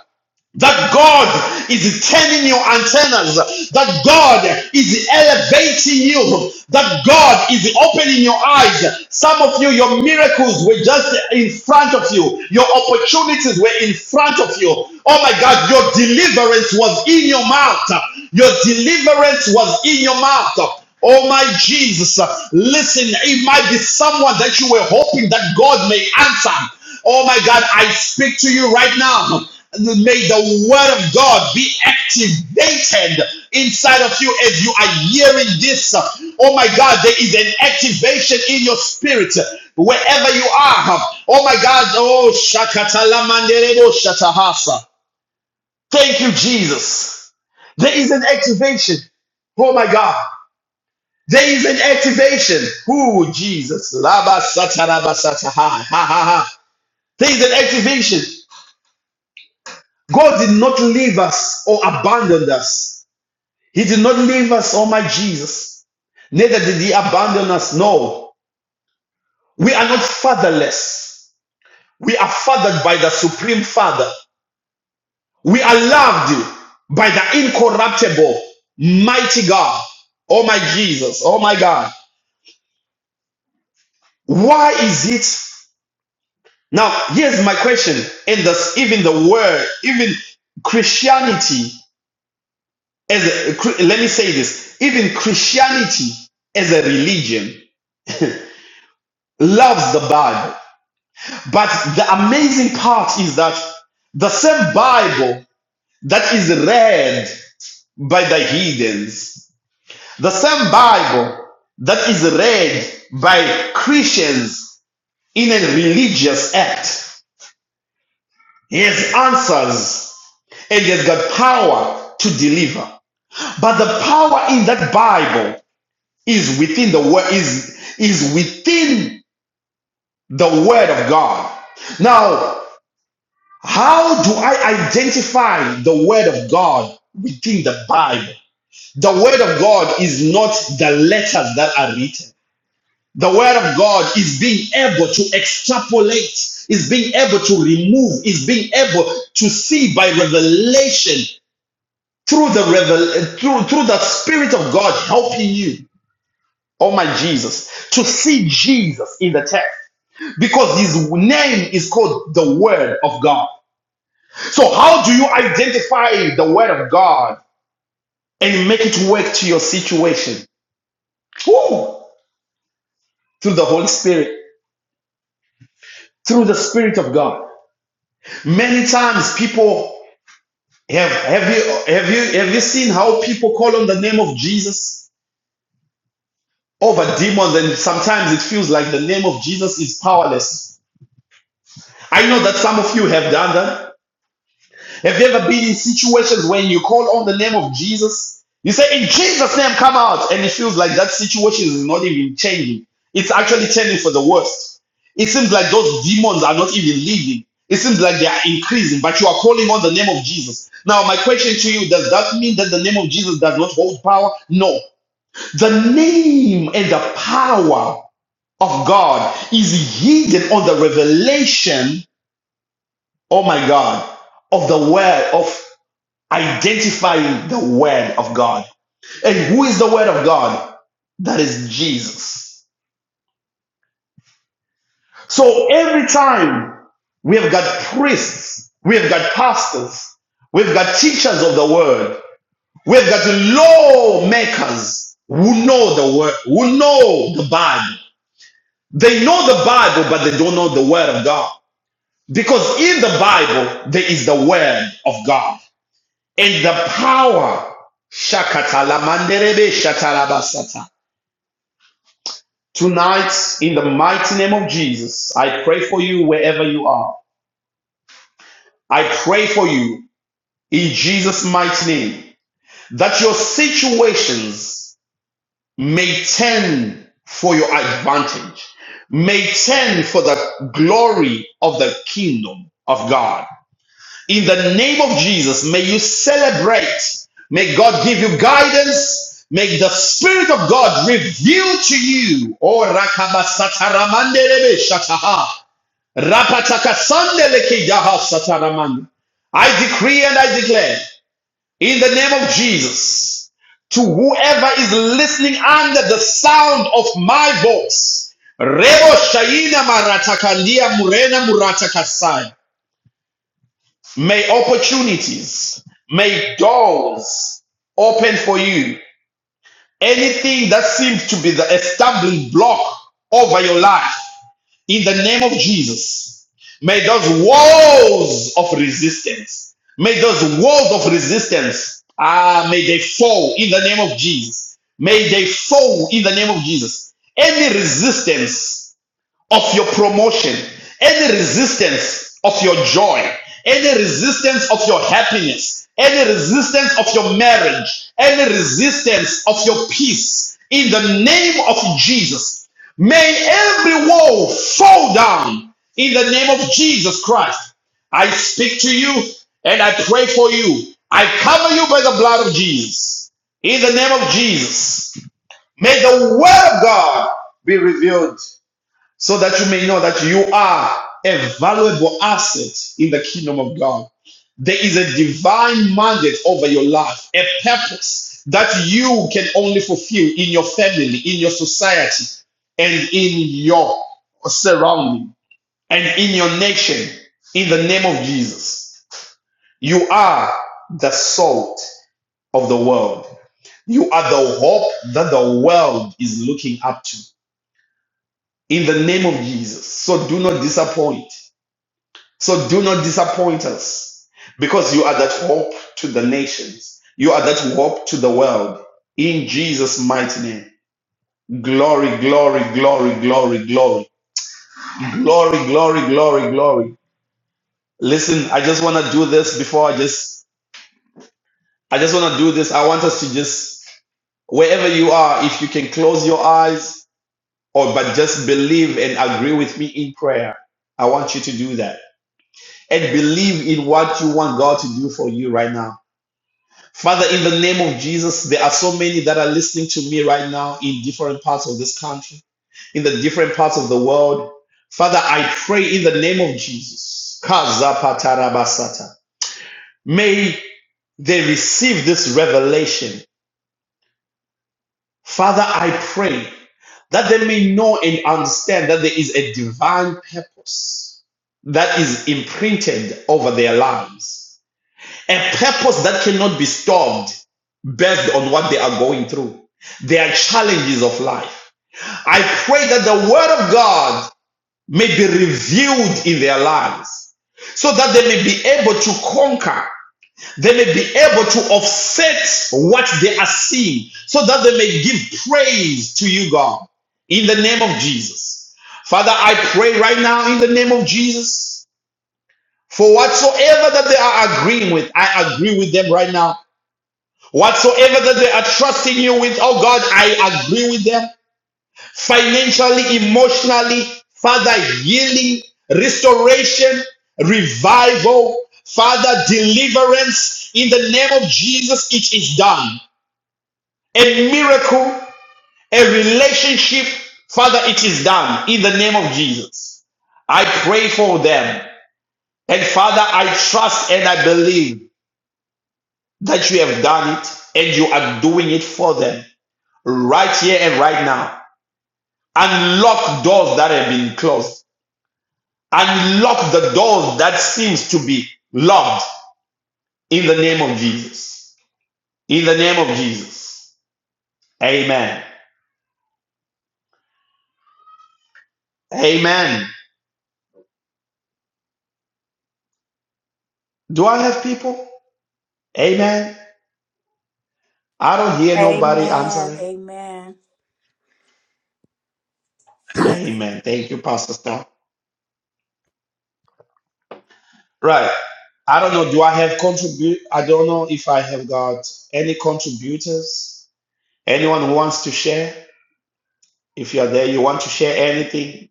that God is turning your antennas. That God is elevating you. That God is opening your eyes. Some of you, your miracles were just in front of you. Your opportunities were in front of you. Oh my God, your deliverance was in your mouth. Your deliverance was in your mouth. Oh my Jesus, listen, it might be someone that you were hoping that God may answer. Oh my God, I speak to you right now. May the word of God be activated inside of you as you are hearing this. Oh my God, there is an activation in your spirit wherever you are. Oh my God, oh shakatala mandelebo shatahasa. Thank you, Jesus. There is an activation. Oh my God. There is an activation. Ooh, Jesus. Laba sata, laba sata. ha, ha, ha. There is an activation. God did not leave us or abandon us. He did not leave us, oh my Jesus. Neither did he abandon us. No, we are not fatherless. We are fathered by the Supreme Father. We are loved by the incorruptible, mighty God. Oh my Jesus. Oh my God. Why is it? Now, here's my question. And this, even the word, even Christianity, as a, let me say this, even Christianity as a religion loves the Bible But the amazing part is that the same Bible that is read by the heathens, the same Bible that is read by Christians in a religious act, has answers and has got power to deliver. But the power in that Bible is within the word is is within the word of God. Now How do I identify the Word of God within the Bible? The Word of God is not the letters that are written. The Word of God is being able to extrapolate, is being able to remove, is being able to see by revelation through the revel- through through the Spirit of God helping you. Oh my Jesus, to see Jesus in the text because his name is called the Word of God. So, how do you identify the Word of God and make it work to your situation? Woo! Through the Holy Spirit, through the Spirit of God. Many times, people have have you have you have you seen how people call on the name of Jesus over demons, and sometimes it feels like the name of Jesus is powerless. I know that some of you have done that. Have you ever been in situations when you call on the name of Jesus? You say, In Jesus' name, come out. And it feels like that situation is not even changing. It's actually turning for the worst. It seems like those demons are not even leaving. It seems like they are increasing, but you are calling on the name of Jesus. Now, my question to you does that mean that the name of Jesus does not hold power? No. The name and the power of God is hidden on the revelation, oh my God, of the word of identifying the word of God. And who is the word of God? That is Jesus. So every time we have got priests, we have got pastors, we've got teachers of the word, we've got lawmakers who know the word, who know the Bible. They know the Bible, but they don't know the word of God. Because in the Bible, there is the word of God. in the power. shakatala Shakatalamanderebe shatarabasata. Tonight, in the mighty name of Jesus, I pray for you wherever you are. I pray for you in Jesus' mighty name that your situations may turn for your advantage, may turn for the glory of the kingdom of God. In the name of Jesus, may you celebrate. May God give you guidance. May the Spirit of God reveal to you. Oh, rakabasataramandelebe shataha. Rapatakasandelekeidaha sataraman. I decree and I declare in the name of Jesus to whoever is listening under the sound of my voice. Rebo shaina maratakandia murena muratakasai. May opportunities, may doors open for you. Anything that seems to be the stumbling block over your life, in the name of Jesus, may those walls of resistance, may those walls of resistance, ah, may they fall in the name of Jesus. May they fall in the name of Jesus. Any resistance of your promotion, any resistance of your joy, any resistance of your happiness, any resistance of your marriage, any resistance of your peace, in the name of Jesus, may every wall fall down in the name of Jesus Christ. I speak to you and I pray for you. I cover you by the blood of Jesus. In the name of Jesus, may the word of God be revealed so that you may know that you are a valuable asset in the kingdom of God. There is a divine mandate over your life, a purpose that you can only fulfill in your family, in your society, and in your surrounding, and in your nation, in the name of Jesus. You are the salt of the world. You are the hope that the world is looking up to in the name of Jesus. So do not disappoint. So do not disappoint us because you are that hope to the nations. You are that hope to the world. In Jesus' mighty name. Glory, glory, glory, glory, glory, glory, glory, glory, glory. Listen, I just want to do this before I just, I just want to do this. I want us to just, wherever you are, if you can close your eyes or but just believe and agree with me in prayer, I want you to do that and believe in what you want God to do for you right now Father, in the name of Jesus, there are so many that are listening to me right now in different parts of this country, in the different parts of the world. Father, I pray in the name of Jesus. Kazapatarabasata. May they receive this revelation. Father, I pray that they may know and understand that there is a divine purpose that is imprinted over their lives a purpose that cannot be stopped based on what they are going through, their challenges of life. I pray that the word of God may be revealed in their lives so that they may be able to conquer. They may be able to offset what they are seeing so that they may give praise to you, God, in the name of Jesus. Father, I pray right now in the name of Jesus for whatsoever that they are agreeing with, I agree with them right now Whatsoever that they are trusting you with, oh God, I agree with them. Financially, emotionally, Father, healing, restoration, revival, Father, deliverance. In the name of Jesus, it is done. A miracle, a relationship, Father, it is done. In the name of Jesus. I pray for them. And Father, I trust and I believe that you have done it and you are doing it for them. right here and right now. Unlock doors that have been closed. Unlock the doors that seems to be locked in the name of Jesus. In the name of Jesus. Amen. Amen. Do I have people? Amen. I don't hear nobody Amen. answering. Amen. Amen. Thank you, Pastor Star. Right. I don't know. Do I have contribute? I don't know if I have got any contributors. Anyone who wants to share? If you are there, you want to share anything,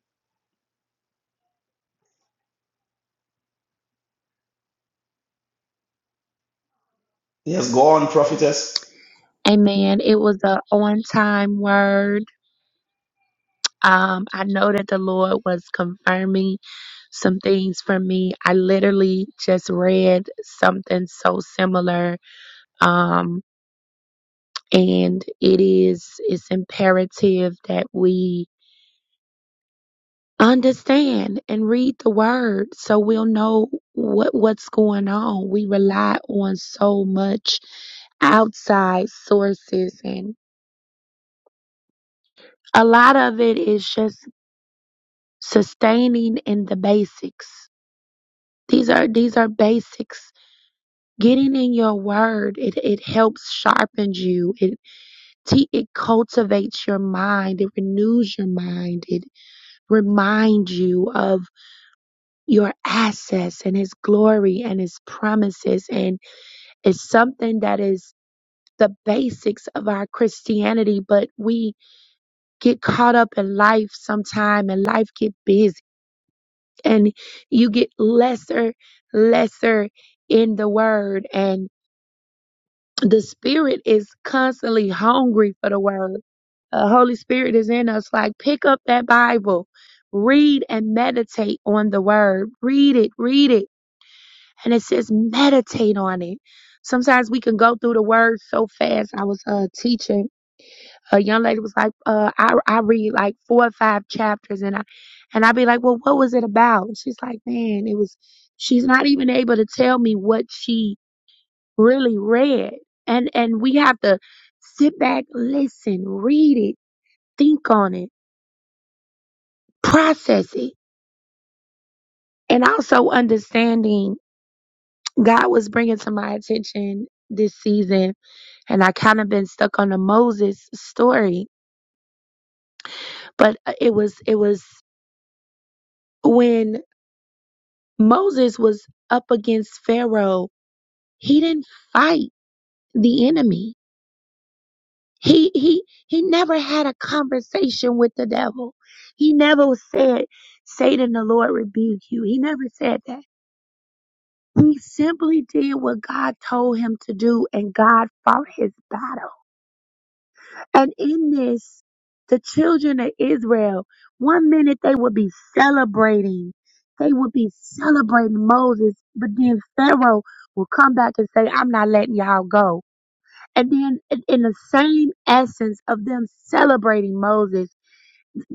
Yes, go on, prophetess. Amen. It was a on time word. Um, I know that the Lord was confirming some things for me. I literally just read something so similar. Um, and it is it's imperative that we understand and read the word so we'll know what what's going on. We rely on so much outside sources and a lot of it is just sustaining in the basics. These are these are basics. Getting in your word, it, it helps sharpens you. It te- it cultivates your mind. It renews your mind. It reminds you of your access and His glory and His promises. And it's something that is the basics of our Christianity. But we get caught up in life sometime, and life get busy and you get lesser, lesser in the word. And the spirit is constantly hungry for the word. The Holy Spirit is in us. Like, pick up that Bible, read and meditate on the word. Read it, read it. And it says, meditate on it. Sometimes we can go through the word so fast. I was uh, teaching a young lady was like, uh, I, I read like four or five chapters and I, and I'd be like, well, what was it about? And she's like, man, it was, she's not even able to tell me what she really read. And, and we have to sit back, listen, read it, think on it, process it. And also understanding God was bringing to my attention this season and I kind of been stuck on the Moses story, but uh, it was, it was, when Moses was up against Pharaoh. He didn't fight the enemy. He he he never had a conversation with the devil. He never said, Satan the Lord rebuke you. He never said that. He simply did what God told him to do and God fought his battle. And in this, the children of Israel, one minute they would be celebrating. They would be celebrating Moses, but then Pharaoh will come back and say, I'm not letting y'all go. And then, in in the same essence of them celebrating Moses,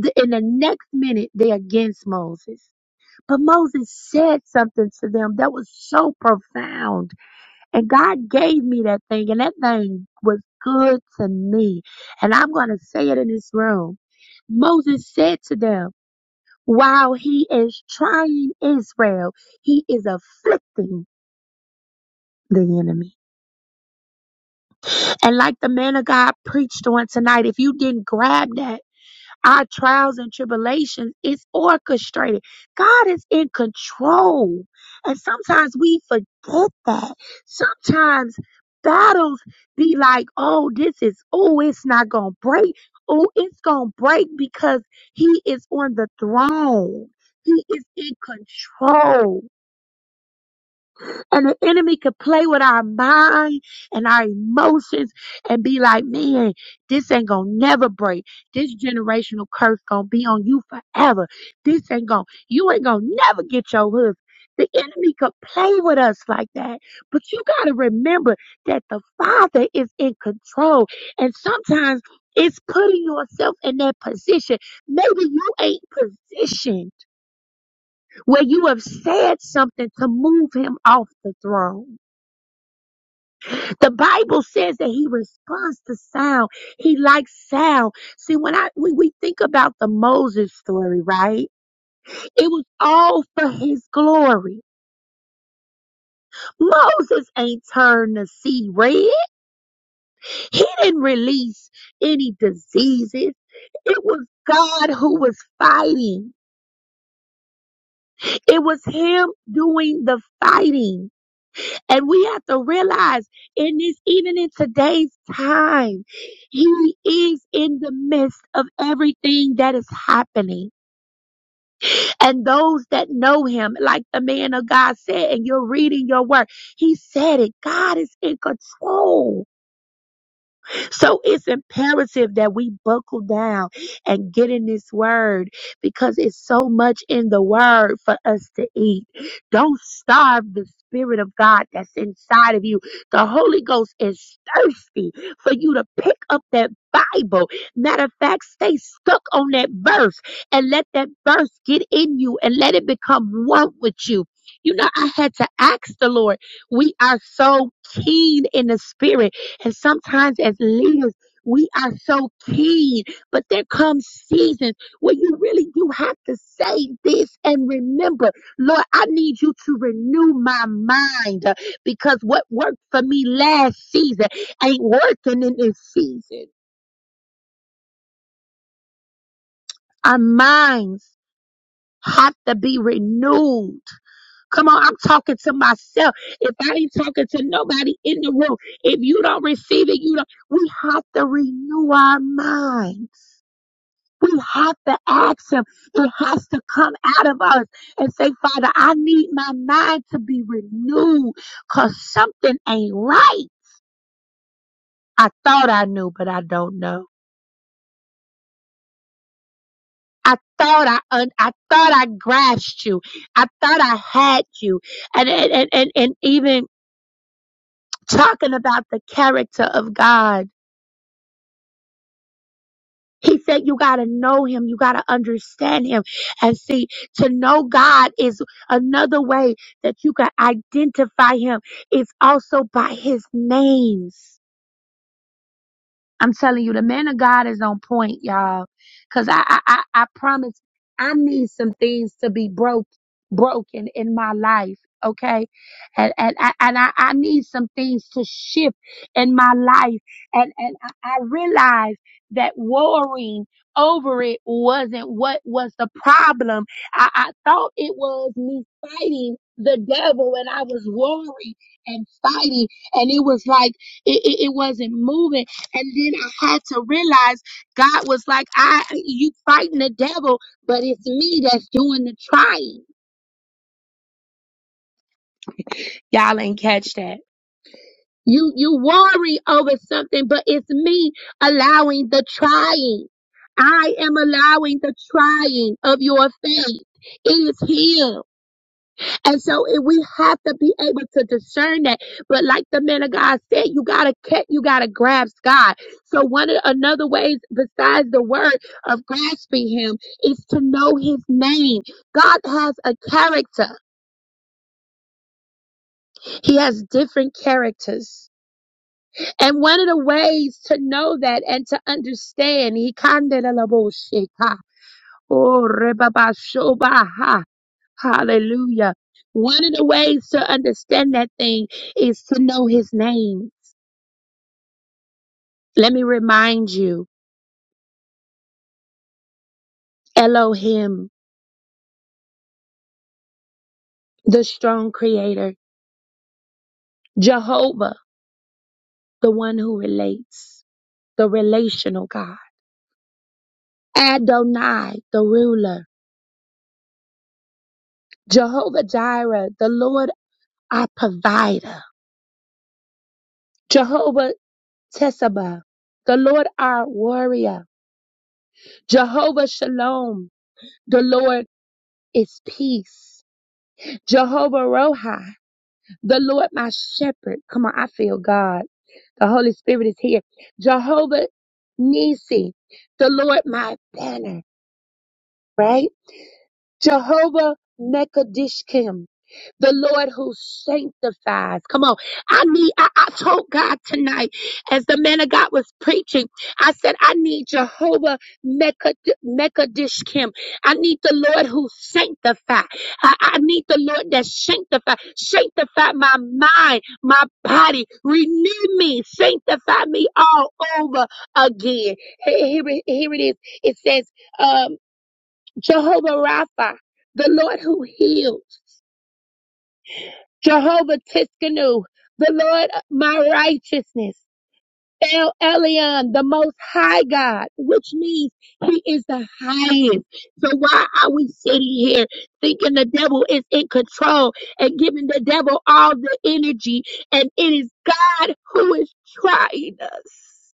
th- in the next minute, they're against Moses. But Moses said something to them that was so profound and God gave me that thing, and that thing was good to me. And I'm going to say it in this room. Moses said to them, while he is trying Israel, he is afflicting the enemy. And like the man of God preached on tonight, if you didn't grab that, Our trials and tribulations is orchestrated. God is in control. And sometimes we forget that. Sometimes battles be like, oh, this is, oh, it's not going to break. Oh, it's going to break because he is on the throne. He is in control. And the enemy could play with our mind and our emotions and be like, man, this ain't gonna never break. This generational curse gonna be on you forever. This ain't gonna, you ain't gonna never get your husband. The enemy could play with us like that. But you gotta remember that the Father is in control. And sometimes it's putting yourself in that position. Maybe you ain't positioned where you have said something to move him off the throne. The Bible says that he responds to sound. He likes sound. See, when I when we think about the Moses story, right? It was all for his glory. Moses ain't turned the sea red. He didn't release any diseases. It was God who was fighting. It was him doing the fighting. And we have to realize in this, even in today's time, he is in the midst of everything that is happening. And those that know him, like the man of God said, and you're reading your word, he said it. God is in control. So it's imperative that we buckle down and get in this word because it's so much in the word for us to eat. Don't starve the spirit of God that's inside of you. The Holy Ghost is thirsty for you to pick up that Bible. Matter of fact, stay stuck on that verse and let that verse get in you and let it become one with you. You know, I had to ask the Lord. We are so keen in the spirit and sometimes as leaders, we are so keen, but there come seasons where you really do have to say this and remember, Lord, I need you to renew my mind uh, because what worked for me last season ain't working in this season. Our minds have to be renewed. Come on, I'm talking to myself. If I ain't talking to nobody in the room, if you don't receive it, you don't. We have to renew our mind. We have to ask Him. It has to come out of us and say, Father, I need my mind to be renewed because something ain't right. I thought I knew, but I don't know. I thought I un- I thought I grasped you. I thought I had you. And and, and, and, and even talking about the character of God. He said, You got to know him. You got to understand him. And see, to know God is another way that you can identify him. It's also by his names. I'm telling you, the man of God is on point, y'all. Cause I I I, I promise I need some things to be broke broken in my life. Okay. And and, I- and I, I need some things to shift in my life. And and I, I realized that worrying over it wasn't what was the problem. I, I thought it was me fighting the devil and I was worried and fighting and it was like it, it, it wasn't moving and then I had to realize God was like, I you fighting the devil, but it's me that's doing the trying. Y'all ain't catch that. You you worry over something, but it's me allowing the trying. I am allowing the trying of your faith. It is him. And so it, we have to be able to discern that. But like the man of God said, you gotta catch, you gotta grasp God. So one of another ways besides the word of grasping Him is to know His name. God has a character. He has different characters. And one of the ways to know that and to understand, he kind la la bo shika. Oh, re ba ba ha. Hallelujah. One of the ways to understand that thing is to know his name. Let me remind you Elohim, the strong creator, Jehovah, the one who relates, the relational God, Adonai, the ruler, Jehovah Jireh, the Lord our provider, Jehovah Tessabah, the Lord our warrior, Jehovah Shalom, the Lord is peace, Jehovah Rohi. The Lord my shepherd. Come on, I feel God. The Holy Spirit is here. Jehovah Nisi. The Lord my banner, right? Jehovah Mekadishkim the Lord who sanctifies. Come on. I need, I, I told God tonight as the man of God was preaching, I said, I need Jehovah Mekadishkim. I need the Lord who sanctifies. I, I need the Lord that sanctifies. Sanctify my mind, my body. Renew me. Sanctify me all over again. Here, here here it is. It says, um, Jehovah Rapha, the Lord who heals. Jehovah Tiskanu, the Lord my righteousness, El Elyon, the most high God, which means he is the highest. So why are we sitting here thinking the devil is in control and giving the devil all the energy? And it is God who is trying us.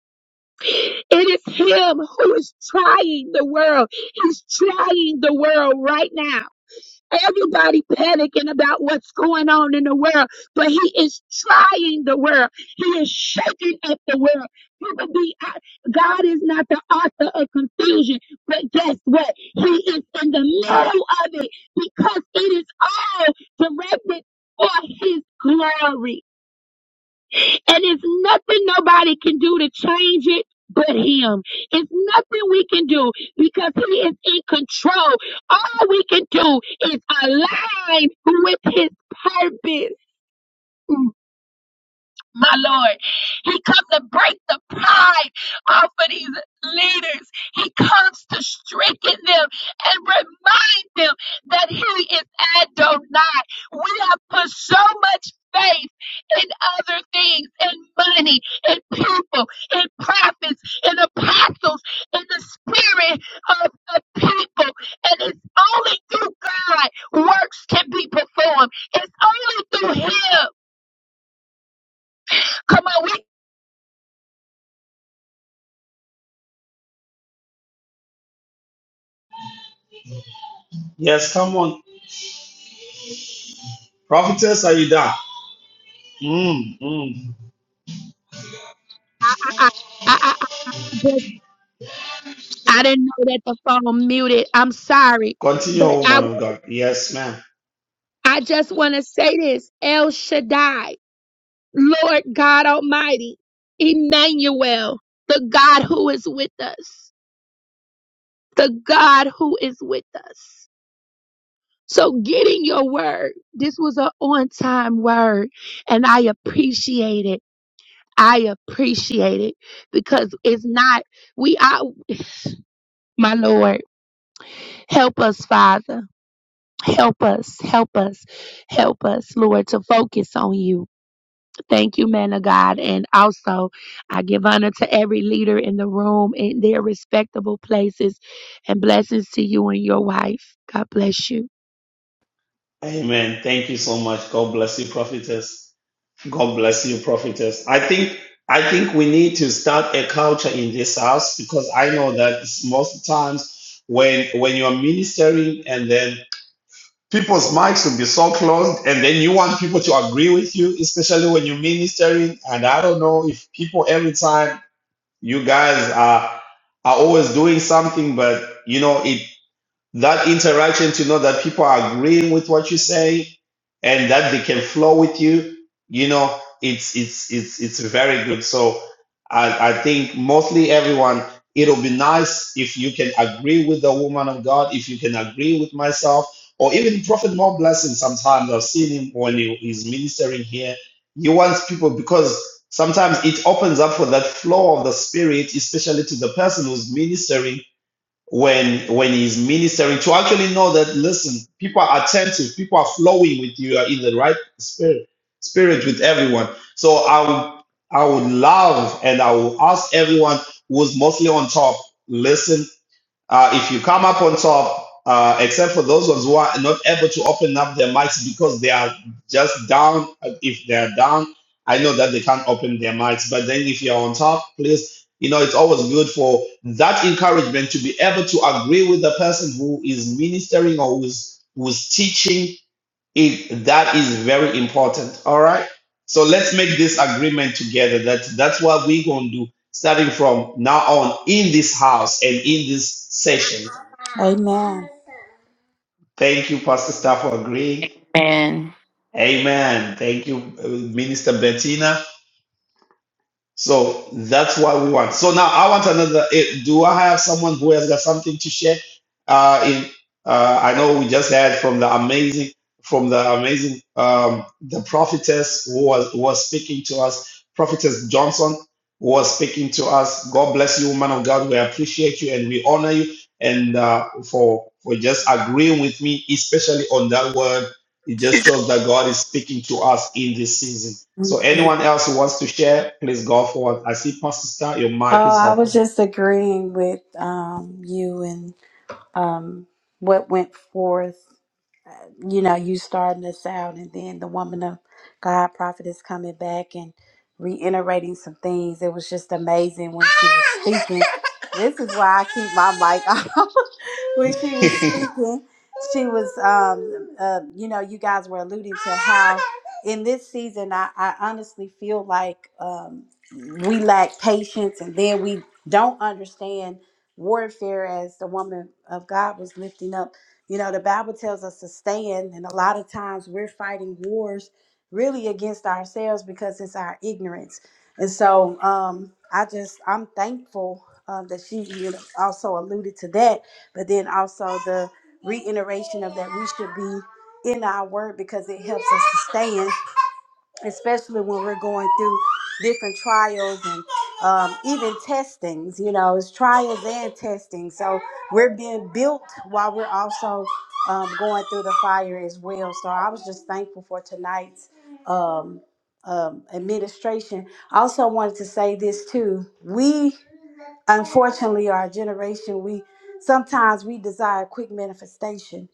It is him who is trying the world. He's trying the world right now. Everybody panicking about what's going on in the world, but he is trying the world. He is shaking at the world. People be, uh, God is not the author of confusion, but guess what? He is in the middle of it because it is all directed for his glory. And it's nothing nobody can do to change it but him. It's nothing we can do because he is in control. All we can do is align with his purpose my Lord. He comes to break the pride off of these leaders. He comes to strengthen them and remind them that He is Adonai. We have put so much faith in other things, in money, in people, in prophets, in apostles, in the spirit of the people. And it's only through God works can be performed. It's only through Him. Come on, we Yes, come on. Prophetess, are you done? Mm, mm. I, I, I I just I didn't know that the phone muted. I'm sorry, Continue, but I woman of God. Yes, ma'am. I just want to say this: El Shaddai, Lord God Almighty, Emmanuel, the God who is with us, the God who is with us. So get in your word. This was an on-time word, and I appreciate it. I appreciate it because it's not we. I my Lord, help us, Father. Help us, help us, help us, Lord, to focus on you. Thank you, man of God. And also, I give honor to every leader in the room in their respectable places and blessings to you and your wife. God bless you. Amen. Thank you so much. God bless you, prophetess. God bless you, prophetess. I think I think we need to start a culture in this house because I know that most times when when you are ministering and then people's mics will be so closed and then you want people to agree with you, especially when you're ministering. And I don't know if people every time you guys are are always doing something, but you know it that interaction to know that people are agreeing with what you say and that they can flow with you you know it's it's it's it's very good so i i think mostly everyone it'll be nice if you can agree with the woman of god if you can agree with myself or even prophet more blessing sometimes i've seen him when he is ministering here he wants people because sometimes it opens up for that flow of the spirit especially to the person who's ministering when when he's ministering to actually know that listen people are attentive people are flowing with you you are in the right spirit spirit with everyone so i would i would love and i will ask everyone who's mostly on top listen. Uh, if you come up on top, uh, except for those ones who are not able to open up their mics because they are just down, uh, if they're down, I know that they can't open their mics. But then if you're on top, please, you know, it's always good for that encouragement to be able to agree with the person who is ministering or who's who's teaching it, that is very important. All right. So let's make this agreement together. That that's what we're going to do starting from now on in this house and in this session. Amen. Thank you, Pastor Staff, for agreeing. Amen. Amen. Thank you, uh, Minister Bettina. So that's what we want. So now I want another. eh, Do I have someone who has got something to share? Uh, in uh, I know we just had from the amazing, from the amazing, um, the prophetess who was who was speaking to us, prophetess Johnson was speaking to us. God bless you, woman of God. We appreciate you and we honor you, and uh, for for just agreeing with me, especially on that word it just shows that God is speaking to us in this season. So Amen. anyone else who wants to share, please go forward. I see Pastor Star, your mic Oh, is I was open. just agreeing with um, you and um, what went forth. you know, you starting this out, and then the woman of God prophet is coming back and reiterating some things. It was just amazing when she was speaking. This is why I keep my mic [LAUGHS] on when she was [LAUGHS] speaking, she was, um, uh, you know, you guys were alluding to how in this season, I, I honestly feel like um, we lack patience and then we don't understand warfare as the woman of God was lifting up. You know, the Bible tells us to stand, and a lot of times we're fighting wars really against ourselves because it's our ignorance. And so um, I just, I'm thankful um, that she you know, also alluded to that but then also the reiteration of that we should be in our word because it helps us to stand, especially when we're going through different trials and um, even testings. You know, it's trials and testing. So we're being built while we're also um, going through the fire as well. So I was just thankful for tonight's. Um, um, administration. I also wanted to say this too. We unfortunately our generation we sometimes we desire quick manifestation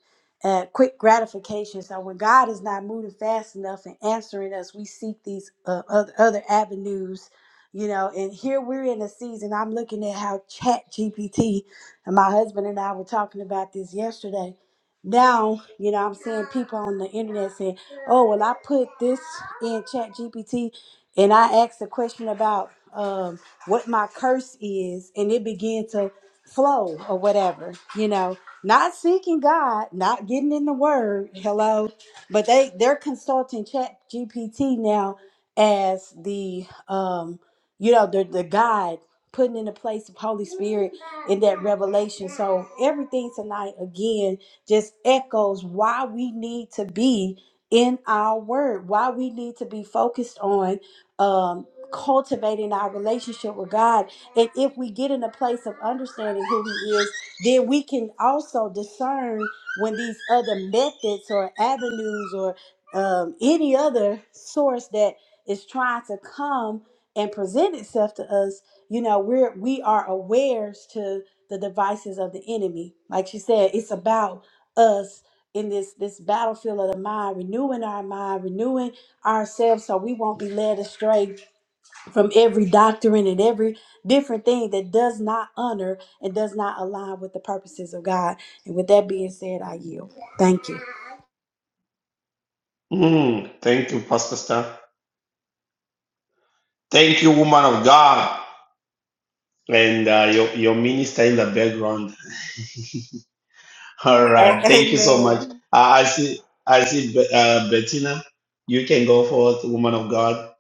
and quick gratification so when god is not moving fast enough and answering us we seek these uh, oth- other avenues you know and here we're in a season i'm looking at how chat gpt and my husband and i were talking about this yesterday now you know i'm seeing people on the internet saying oh well i put this in chat gpt and i asked a question about um, what my curse is and it began to flow or whatever you know not seeking god not getting in the word hello but they they're consulting chat gpt now as the um you know the the guide putting in the place of holy spirit in that revelation so everything tonight again just echoes why we need to be in our word why we need to be focused on um cultivating our relationship with God. And if we get in a place of understanding who He is, then we can also discern when these other methods or avenues or um, any other source that is trying to come and present itself to us, you know, we're we are aware to the devices of the enemy. Like she said, it's about us in this this battlefield of the mind, renewing our mind, renewing ourselves so we won't be led astray from every doctrine and every different thing that does not honor and does not align with the purposes of God. And with that being said, I yield. Thank you. Mm, thank you, Pastor Star. Thank you, woman of God, and uh, your your minister in the background. [LAUGHS] All right, A- thank you so much. amen. Uh, I see, I see, Be- uh, Bettina. You can go forward, woman of God.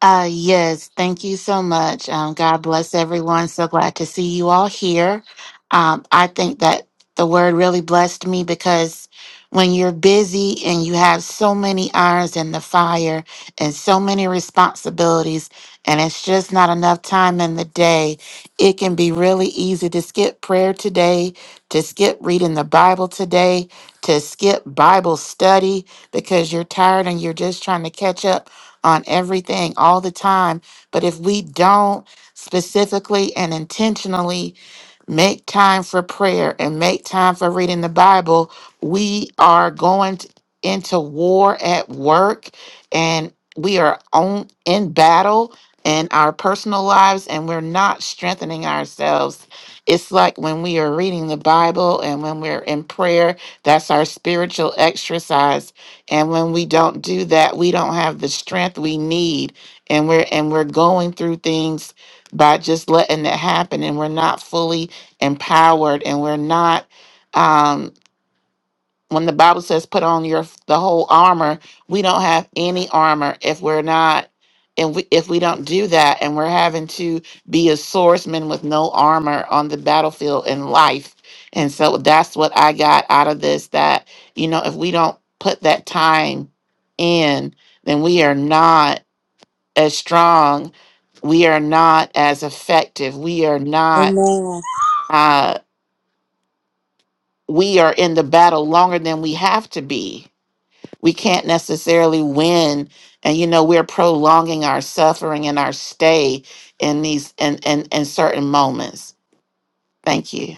Uh, yes, thank you so much. Um, God bless everyone. So glad to see you all here. Um, I think that the word really blessed me because when you're busy and you have so many irons in the fire and so many responsibilities, and it's just not enough time in the day, it can be really easy to skip prayer today, to skip reading the Bible today, to skip Bible study because you're tired and you're just trying to catch up on everything all the time. But if we don't specifically and intentionally Make time for prayer and make time for reading the Bible. We are going t- into war at work and we are on in battle in our personal lives and we're not strengthening ourselves. It's like when we are reading the Bible and when we're in prayer, that's our spiritual exercise. And when we don't do that, we don't have the strength we need and we're and we're going through things by just letting it happen and we're not fully empowered and we're not um when the bible says put on your the whole armor we don't have any armor if we're not and we, if we don't do that and we're having to be a swordsman with no armor on the battlefield in life and so that's what i got out of this that you know if we don't put that time in then we are not as strong we are not as effective we are not Amen. uh, we are in the battle longer than we have to be. We can't necessarily win. And you know, we're prolonging our suffering and our stay in these and and, and certain moments. Thank you.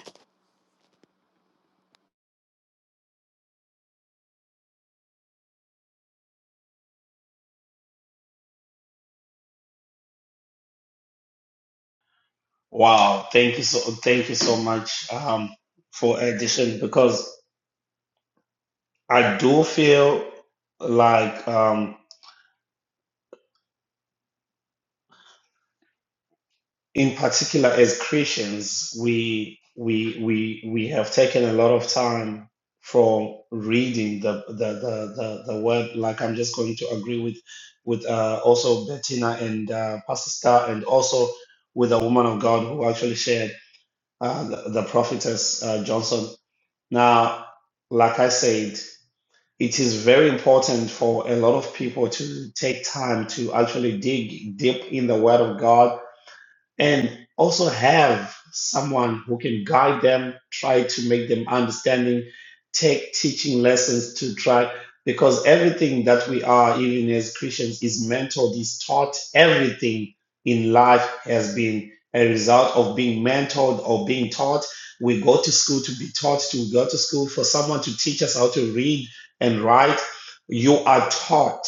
Wow, thank you so, thank you so much um, for addition because I do feel like. um, in particular as Christians, we we we we have taken a lot of time from reading the the the the, the word. Like I'm just going to agree with with uh, also Bettina and uh, Pastor Star, and also with a woman of God who actually shared uh, the, the prophetess uh, Johnson. Now, like I said, it is very important for a lot of people to take time to actually dig deep in the Word of God and also have someone who can guide them, try to make them understanding, take teaching lessons to try because everything that we are, even as Christians, is mentored, is taught. Everything in life has been a result of being mentored or being taught. We go to school to be taught, to go to school for someone to teach us how to read and write. You are taught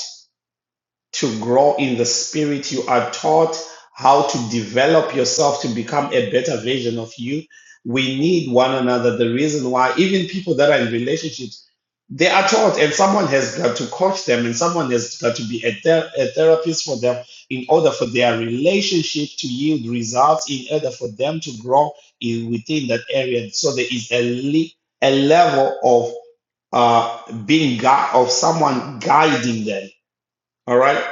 to grow in the spirit. You are taught how to develop yourself to become a better version of you. We need one another. The reason why, even people that are in relationships, they are taught, and someone has got to coach them, and someone has got to be a, ther- a therapist for them in order for their relationship to yield results, in order for them to grow in, within that area. So there is a, le- a level of uh, being gui- of someone guiding them all right,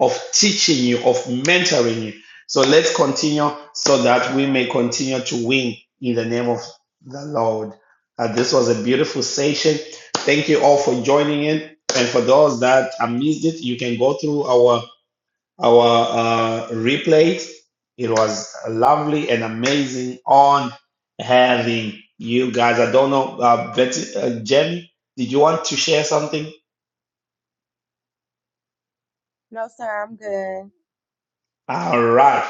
of teaching you, of mentoring you. So let's continue so that we may continue to win in the name of the Lord. Uh, this was a beautiful session. Thank you all for joining in. And for those that uh, missed it, you can go through our our uh, replays. It was lovely and amazing on having you guys. I don't know, uh, Betty, uh, Jamie, did you want to share something? No, sir, I'm good. All right.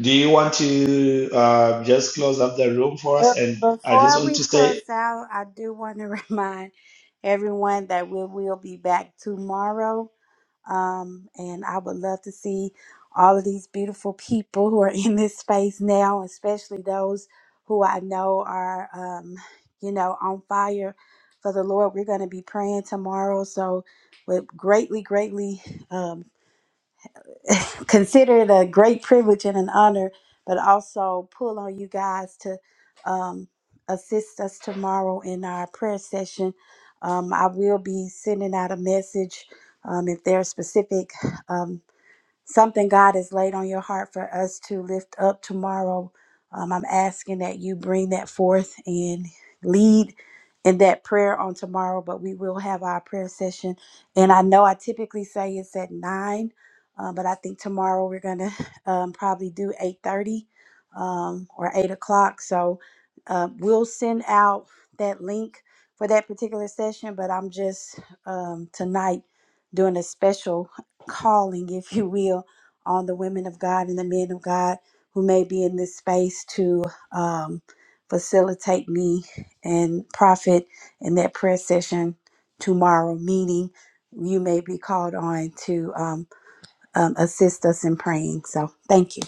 Do you want to uh, just close up the room for us? But And I just Before want we to say close out, I do want to [LAUGHS] remind everyone that we will be back tomorrow. Um, and I would love to see all of these beautiful people who are [LAUGHS] in this space now, especially those who I know are, um, you know, on fire for the Lord. We're going to be praying tomorrow. So, would greatly, greatly um, consider it a great privilege and an honor, but also pull on you guys to um, assist us tomorrow in our prayer session. Um, I will be sending out a message um, if there are specific. Um, something God has laid on your heart for us to lift up tomorrow, um, I'm asking that you bring that forth and lead in that prayer on tomorrow. But we will have our prayer session. And I know I typically say it's at 9, uh, but I think tomorrow we're going to [LAUGHS] um, probably do 8.30 um, or 8 o'clock. So uh, we'll send out that link for that particular session. But I'm just um, tonight doing a special calling, if you will, on the women of God and the men of God who may be in this space to um, facilitate me and profit in that prayer session tomorrow, meaning you may be called on to um, um, assist us in praying. So thank you.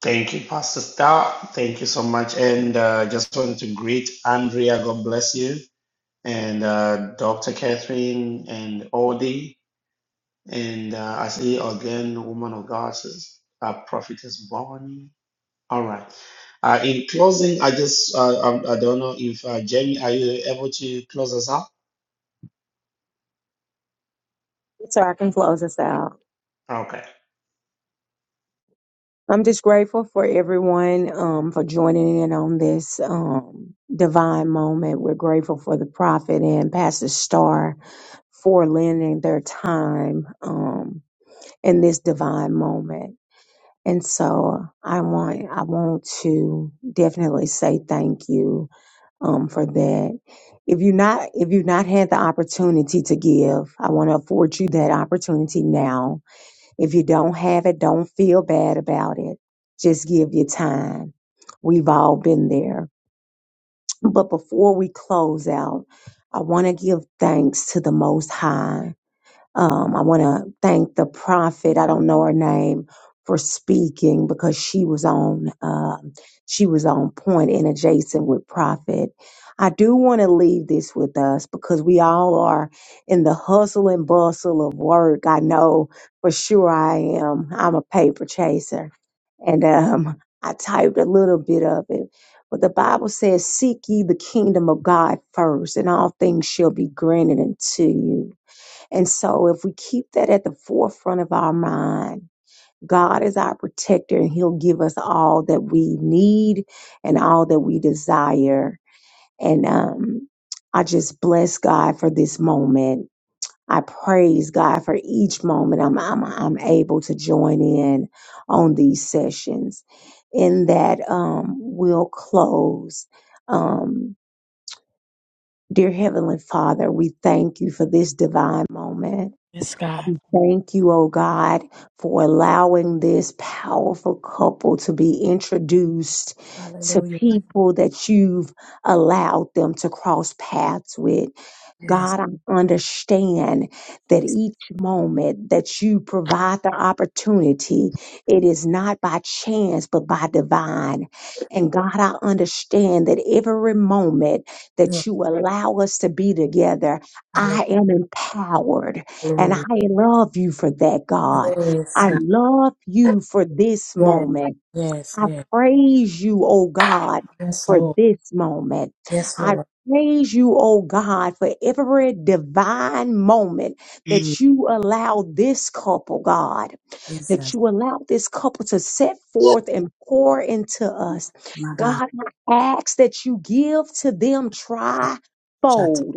thank you, Pastor Star. Thank you so much. And uh, just wanted to greet Andrea. God bless you. And uh, Dr. Catherine and Odie. And uh, I see again, woman of God, sis- uh, prophetess Bonnie. All right. Uh, in closing, I just uh, um, I don't know if uh, Jamie, are you able to close us up? So I can close us out. Okay. I'm just grateful for everyone um, for joining in on this um, divine moment. We're grateful for the prophet and Pastor Star for lending their time um, in this divine moment. And so I want I want to definitely say thank you um, for that. If you not if you've not had the opportunity to give, I want to afford you that opportunity now. If you don't have it, don't feel bad about it. Just give your time. We've all been there. But before we close out, I want to give thanks to the Most High um, I want to thank the prophet. I don't know her name for speaking because she was on um, she was on point and adjacent with prophet. I do want to leave this with us because we all are in the hustle and bustle of work. I know for sure I am. I'm a paper chaser, and um, I typed a little bit of it. But the Bible says, "Seek ye the kingdom of God first, and all things shall be granted unto you." And so if we keep that at the forefront of our mind, God is our protector and he'll give us all that we need and all that we desire. And um I just bless God for this moment. I praise God for each moment I'm I'm I'm able to join in on these sessions. In that um we'll close um Dear Heavenly Father, we thank you for this divine moment. Yes, God. Thank you, oh God, for allowing this powerful couple to be introduced to Hallelujah. people that you've allowed them to cross paths with. Yes. God, I understand that Yes. each moment that you provide the opportunity, it is not by chance, but by divine. And God, I understand that every moment yes. that you allow us to be together, Hallelujah. I am empowered. And I Glory. love you for that, God. Yes, I God. love you for this Yes. moment. Yes, I yes. praise you, O God, Yes, for Lord. this moment. Yes, I Lord. praise you, O God, for every divine moment Mm, that you allow this couple, God, that Jesus. you allow this couple to set forth and pour into us. My God, I ask that you give to them God. trifold.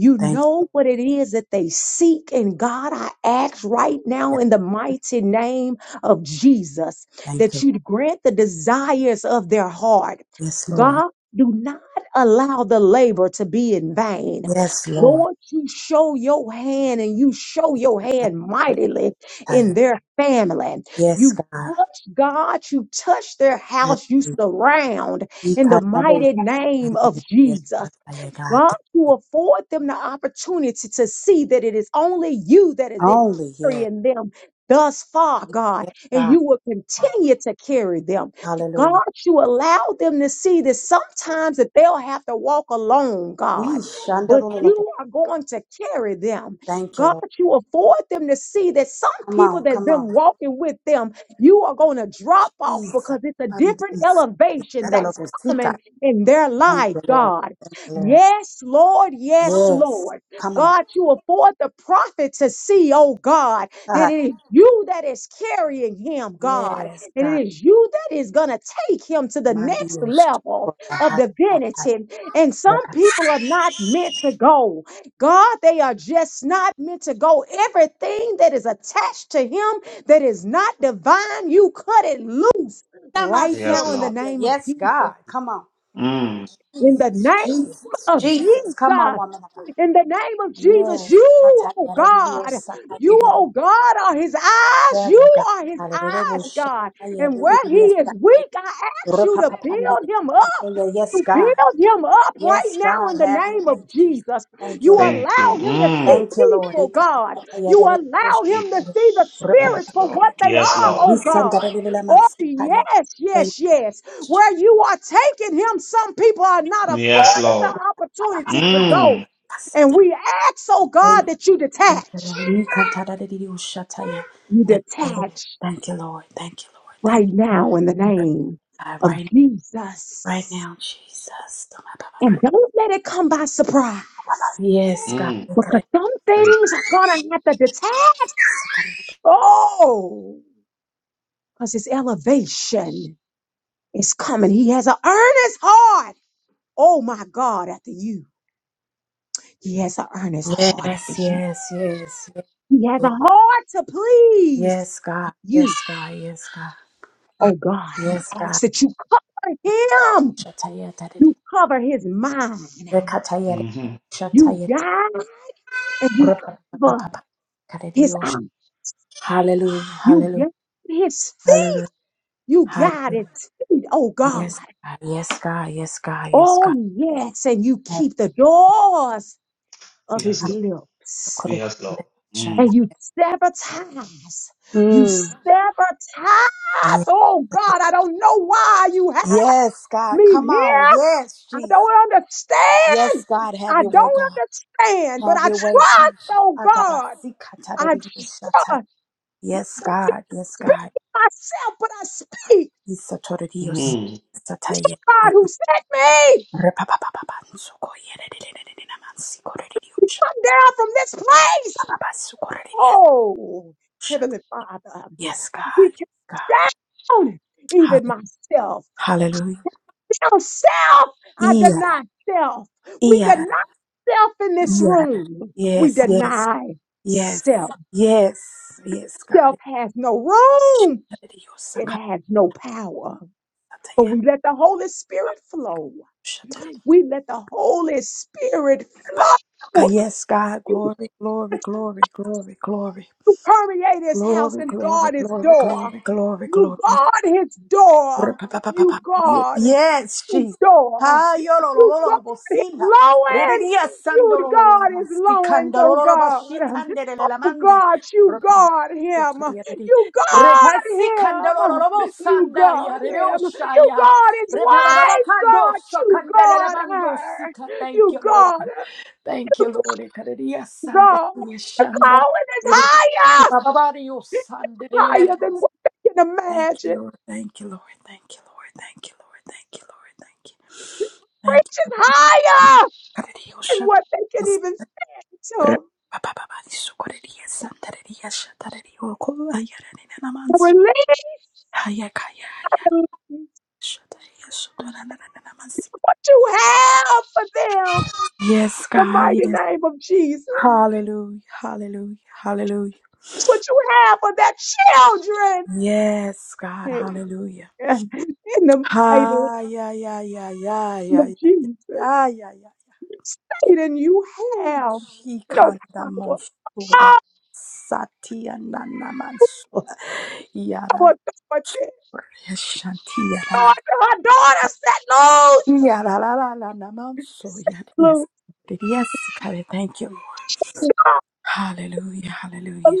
You Thank you, know what it is that they seek. And God, I ask right now Lord. in the mighty name of Jesus Thank that you. you'd grant the desires of their heart. Yes, Lord. God, do not allow the labor to be in vain. Yes, Lord. Lord, you show your hand and you show your hand mightily in Hallelujah. their family. Yes, You God. touch God, you touch their house, you Hallelujah. surround in the Ikadabos. mighty name of Yes, Jesus. Shakaya, God. God, Thank you. to afford them the opportunity to see that it is only you that has been Only, yes. carrying them thus far, God, Yes, and God. you will continue to carry them. God, Hallelujah. you allow them to see that sometimes that they'll have to walk alone, God, but Ishandarulabo. you are going to carry them. Thank you, God, Lord. you afford them to see that some Come people on, that's come been on. walking with them, you are going to drop off Jesus. because it's a different Andis. elevation that's Ikadalabosika. coming in their Thank life, you, Lord. God. Thank you, Lord. Yes, Lord. Yes, Yes. Lord. Come on. God, you afford the prophet to see, oh God, that [LAUGHS] it is you that is carrying him, God. Yes, And God. it is you that is going to take him to the next Mandios. level of divinity. And some people are not meant to go. God, they are just not meant to go. Everything that is attached to him that is not divine, you cut it loose right Yes, now in the Lord. Namasotaya. name of Yes, Jesus. God. Come on. Mm, In the Jesus, name Jesus, of Jesus. Come on, Jesus. woman of God. In the name of Jesus, Yes. you, oh God, you, oh God, are his eyes. You are his eyes, God. And where he is weak, I ask you to build him up. Yes, You God. build him up right Yes, now God. in the Have your name way, of Jesus. Jesus. Thank you, You Lord. thank you. allow him to see Mm, Thank you, Lord. people, God. You allow him to see the Jesus. spirits Yes, for Lord. what they Yes, are, Lord. oh Thank God. you, Oh, yes, yes, yes. Where you are taking him, some people are not Yes, afforded the Lord. opportunity to go. Mm, And we ask, oh God, that you detach. Ikataradidioshataya. You Thank you, Lord. detach Thank you, Lord. Thank you, Lord. Thank right you, now in the Lord. name God, of right, Jesus. right now, Jesus. And don't let it come by surprise. Yes, God. mm, Because some thank things are gonna have to detach. Oh, because his elevation is coming. He has an earnest heart. Oh my God, after you. He has an earnest heart Yes, after you. yes, yes, He has a yes. heart to please Yes, God. you. Yes, God. Yes, God. Oh God, and Yes, I ask God. that you cover him. Shataya taridi. You cover his mind. Rekataya you. hmm You shataya. guide and you cover Rapapapapa. his eye. Karedidiosha. Hallelujah. You Hallelujah. guide his Hallelujah. feet. You guide Hallelujah. his feet. Oh God. Yes, God. Yes, God. Yes, God. Yes, Oh, yes. And you keep God. the doors of his Yes, Lord. lips Yes, Lord. Mm, and you sabotage. You sabotage. Oh, God, I don't know why you have me here. I don't understand. I don't understand, but I trust, oh, God. I trust. Speak to myself, but I speak. mm. You, God, who sent me, come down from this place. Oh, Heavenly Father. We cast down even myself. Now, self, I deny self. We deny self in this room. We deny Yes, self. yes, yes, Self God. has no room, it has no power. But we let the Holy Spirit flow. We let the Holy Spirit Okay, flow. Yes, God, You, glory, glory, glory, glory, glory, you permeate his house glory, and glory, guard his glory, door. glory, glory, You glory. guard his door. You guard Yes, his Jesus. door. Ah, yo, lo, lo, You lo, lo, God lo, bo, sí, is ja. Re, lowings. You sando, lo, lo, lo, lo, God ma, is sí, lowings, canda, lo, oh lo, lo, ba, God. sí, tande, le, le, la, Oh mandi. God, you Re, pa, ma, God so, ta, him. ya, re, di. You God sí, lo, lo, him. lo, You sanda, God ya, re, him. You ya. God his Re, pa, ba, ba, ba, wife, ka, do, God. so, You canda, le, la, God mando, sí, her. Thank You you, Lord. God, Thank you, Lord. Re, ca, re, dia, oh sanda, God. re, dia, The shanda. calling is Re, re, higher, pa, ba, ba, sande, le, le, le, le, higher than what they can Thank you, imagine. Lord. Thank you, Lord. Thank you, Lord. Thank you, Lord. Thank you, Lord. Thank you. Preach Thank you. is higher Karadio than shan- what they can even Ra- fathom. ba- ba- ba- ba- di su- koradio san- taradio shan- taradio ko- ayara nina naman Release haya kaya haya what shan- taradio su- do- na- na- na- na- si- you have for them. Yes, the God. mighty Yes. name of Jesus. Hallelujah. Hallelujah. Hallelujah. What you have for their children. Yes, God. Hey, Hallelujah. [LAUGHS] in the mighty Hi, name yeah, yeah, yeah, yeah, yeah, of yeah, yeah, Jesus. yeah, yeah, Satan, you Ooh, have no Chikanda power, no Mosura Satya Nana Mansura Yara authority. Lord, Shantiya her daughter set loose. Yara Lana Manso Yara. Yes, Loose. Yes, God, thank you. Lord. Hallelujah, God, hallelujah,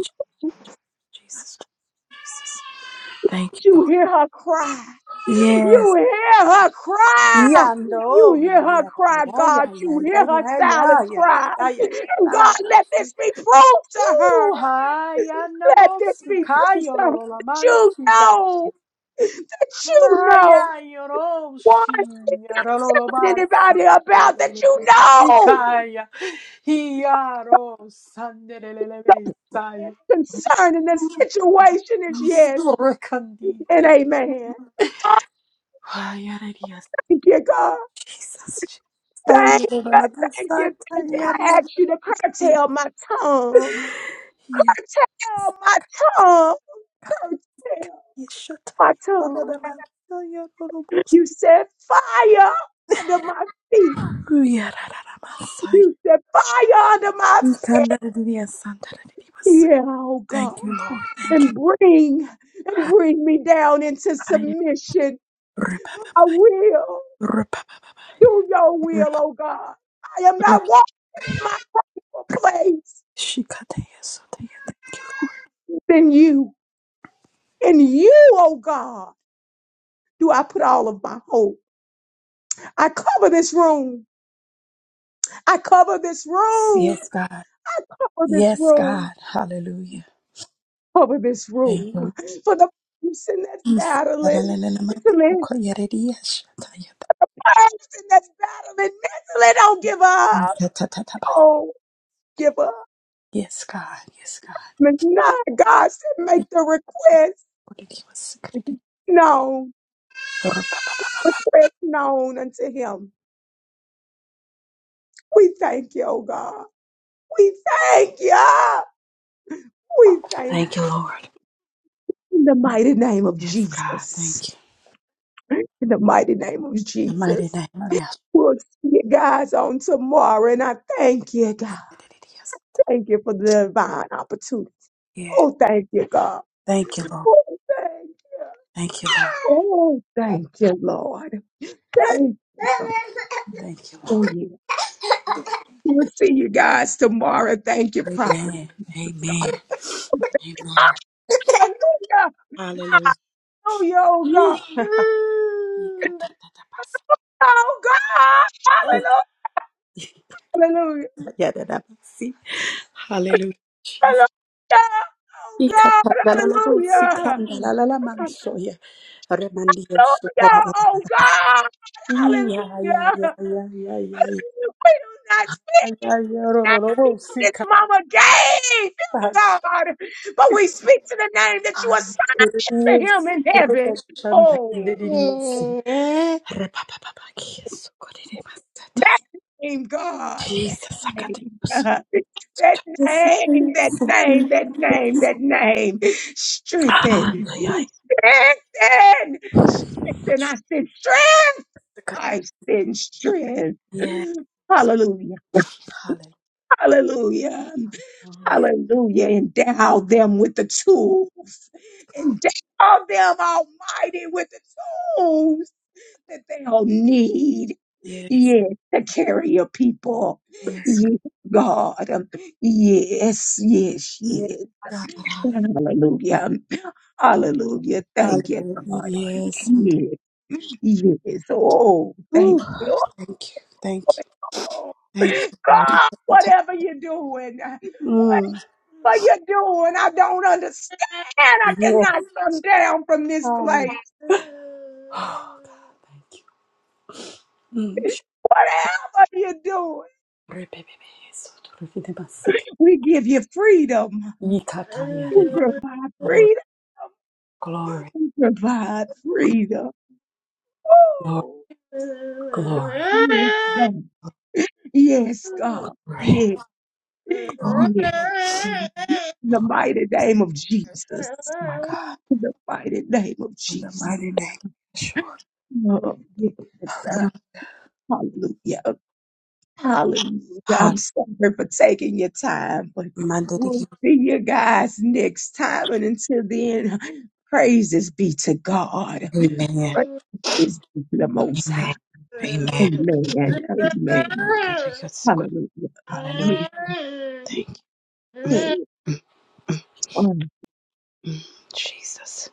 Jesus, Jesus. Thank you, You Lord. hear her cry. You Yes, hear her cry. You Yando, hear yeah, her yeah, cry, yeah, God. yeah, yeah, yeah, You hear her yeah, yeah, yeah, silent cry. yeah, yeah, yeah, And la, la, God, la, la. let this be proof to her. Ooh, hi, Yanda Let this be la proof though, that you Yolo, know, that you know Kaya one yoroshi not telling yarololobasa anybody about that you know sikaya hiyaro sandelelebesaya concerning the situation is yes isorekandite. and amen. Ay, alegría, Thank you, God. Jesus. Jesus. Ay, no Thank you, van a thank you, pasar, thank you. I Tayana. ask you to curtail my tongue. Y a Curtail my tongue. Curtail my tongue. You said fire under my feet. You said fire under my feet. Yeah, oh God. Thank you, Lord. And bring and Thank bring me down into you. submission. I will do your will, oh God. I am not walking in my own place. Then you, in you, oh God, do I put all of my hope. I cover this room. I cover this room. Yes, God. Cover this Yes, room. God. Hallelujah. Cover this Thank room. you. For the person that's Yes, battling. God. Mentally, person that's battling mentally, don't give up. Don't give up. Yes, God. Miss Nine, God said, make the request known, request known unto him. We thank you, oh God. We thank you. We thank Thank you, Lord. you. In the mighty name of Yes, God. Jesus. Thank you. In the mighty name of In the mighty Jesus. name of Yahshua. We'll see you guys on tomorrow. And I thank you, God. Thank you for the divine opportunity. Yeah. Oh, thank you, God. Thank you, Lord. Oh, thank you. Thank you, Lord. Oh, thank you, Lord. Thank you, God. Thank you, Oh, Lord. yeah. We'll see you guys tomorrow. Thank you, Prophet. Amen. Amen. Hallelujah. Amen. Oh, yeah, [LAUGHS] oh God. Ikatatatapasa. Oh God. Hallelujah. Hallelujah. Ikatayadadabasi. Hallelujah. Hallelujah. Oh God. Ikatatananabusi Hallelujah. kandalalamansoya. Hallelujah. Remandiyosu bababa. Oh God. Iya, ya, ya, Hallelujah. ya, ya, ya, ya, We do not speak ya, ya, the name rororobosi this mama gave him, katasha. God. But we speak to the name that you assigned to Yes. him in heaven. Oh, Rebashandandiriyosi. Repapapapakiyesu that koreremasataya. name, God. Jesus, name. akatayosu. [LAUGHS] That Yes, name, that yes, name, yes. that name, that name. Ah, Strengthen. ay, Strengthen. Strengthen. I said strength. ay. I said strength. Yes. Hallelujah. Hallelujah. Hallelujah. Hallelujah. Endow them with the tools. Endow them, Almighty, with the tools that they all need. Yes. Yes, to carry your people. Yes. Yes, God. Um, Yes, yes, Yes. yes. God. Hallelujah. Hallelujah. Hallelujah. Thank you, Hallelujah. God. Yes. And, Yes, yes. Oh, ooh, thank you. thank you. Thank you. Oh, Thank you, Lord. God, whatever you're doing, Mm. whatever you're doing, I don't understand. I Yes. cannot come down from this place. Hallelujah. Oh, God. Thank you. Mm. Whatever you're doing, Glory, baby, baby. So to live in the sick. we give you freedom. Yikataya, We baby. provide Glory. freedom. Glory. provide freedom. Glory. Oh, Glory. yes, God. Yes, God. Glory. Yes, Glory. yes. In the mighty name of Jesus. Oh, My God. In the mighty name of In the Jesus. mighty name of Yeshua. Oh, yes. Uh, hallelujah. Hallelujah. I'm sorry for taking your time, but Hallelujah. we'll see you guys next time. And until then, praises be to God. Amen. Praises be to the Most High. Amen. Amen. Amen. Amen. Jesus. Hallelujah. Yes, Hallelujah. Thank you. Mm, yes. mm, mm, mm. Jesus.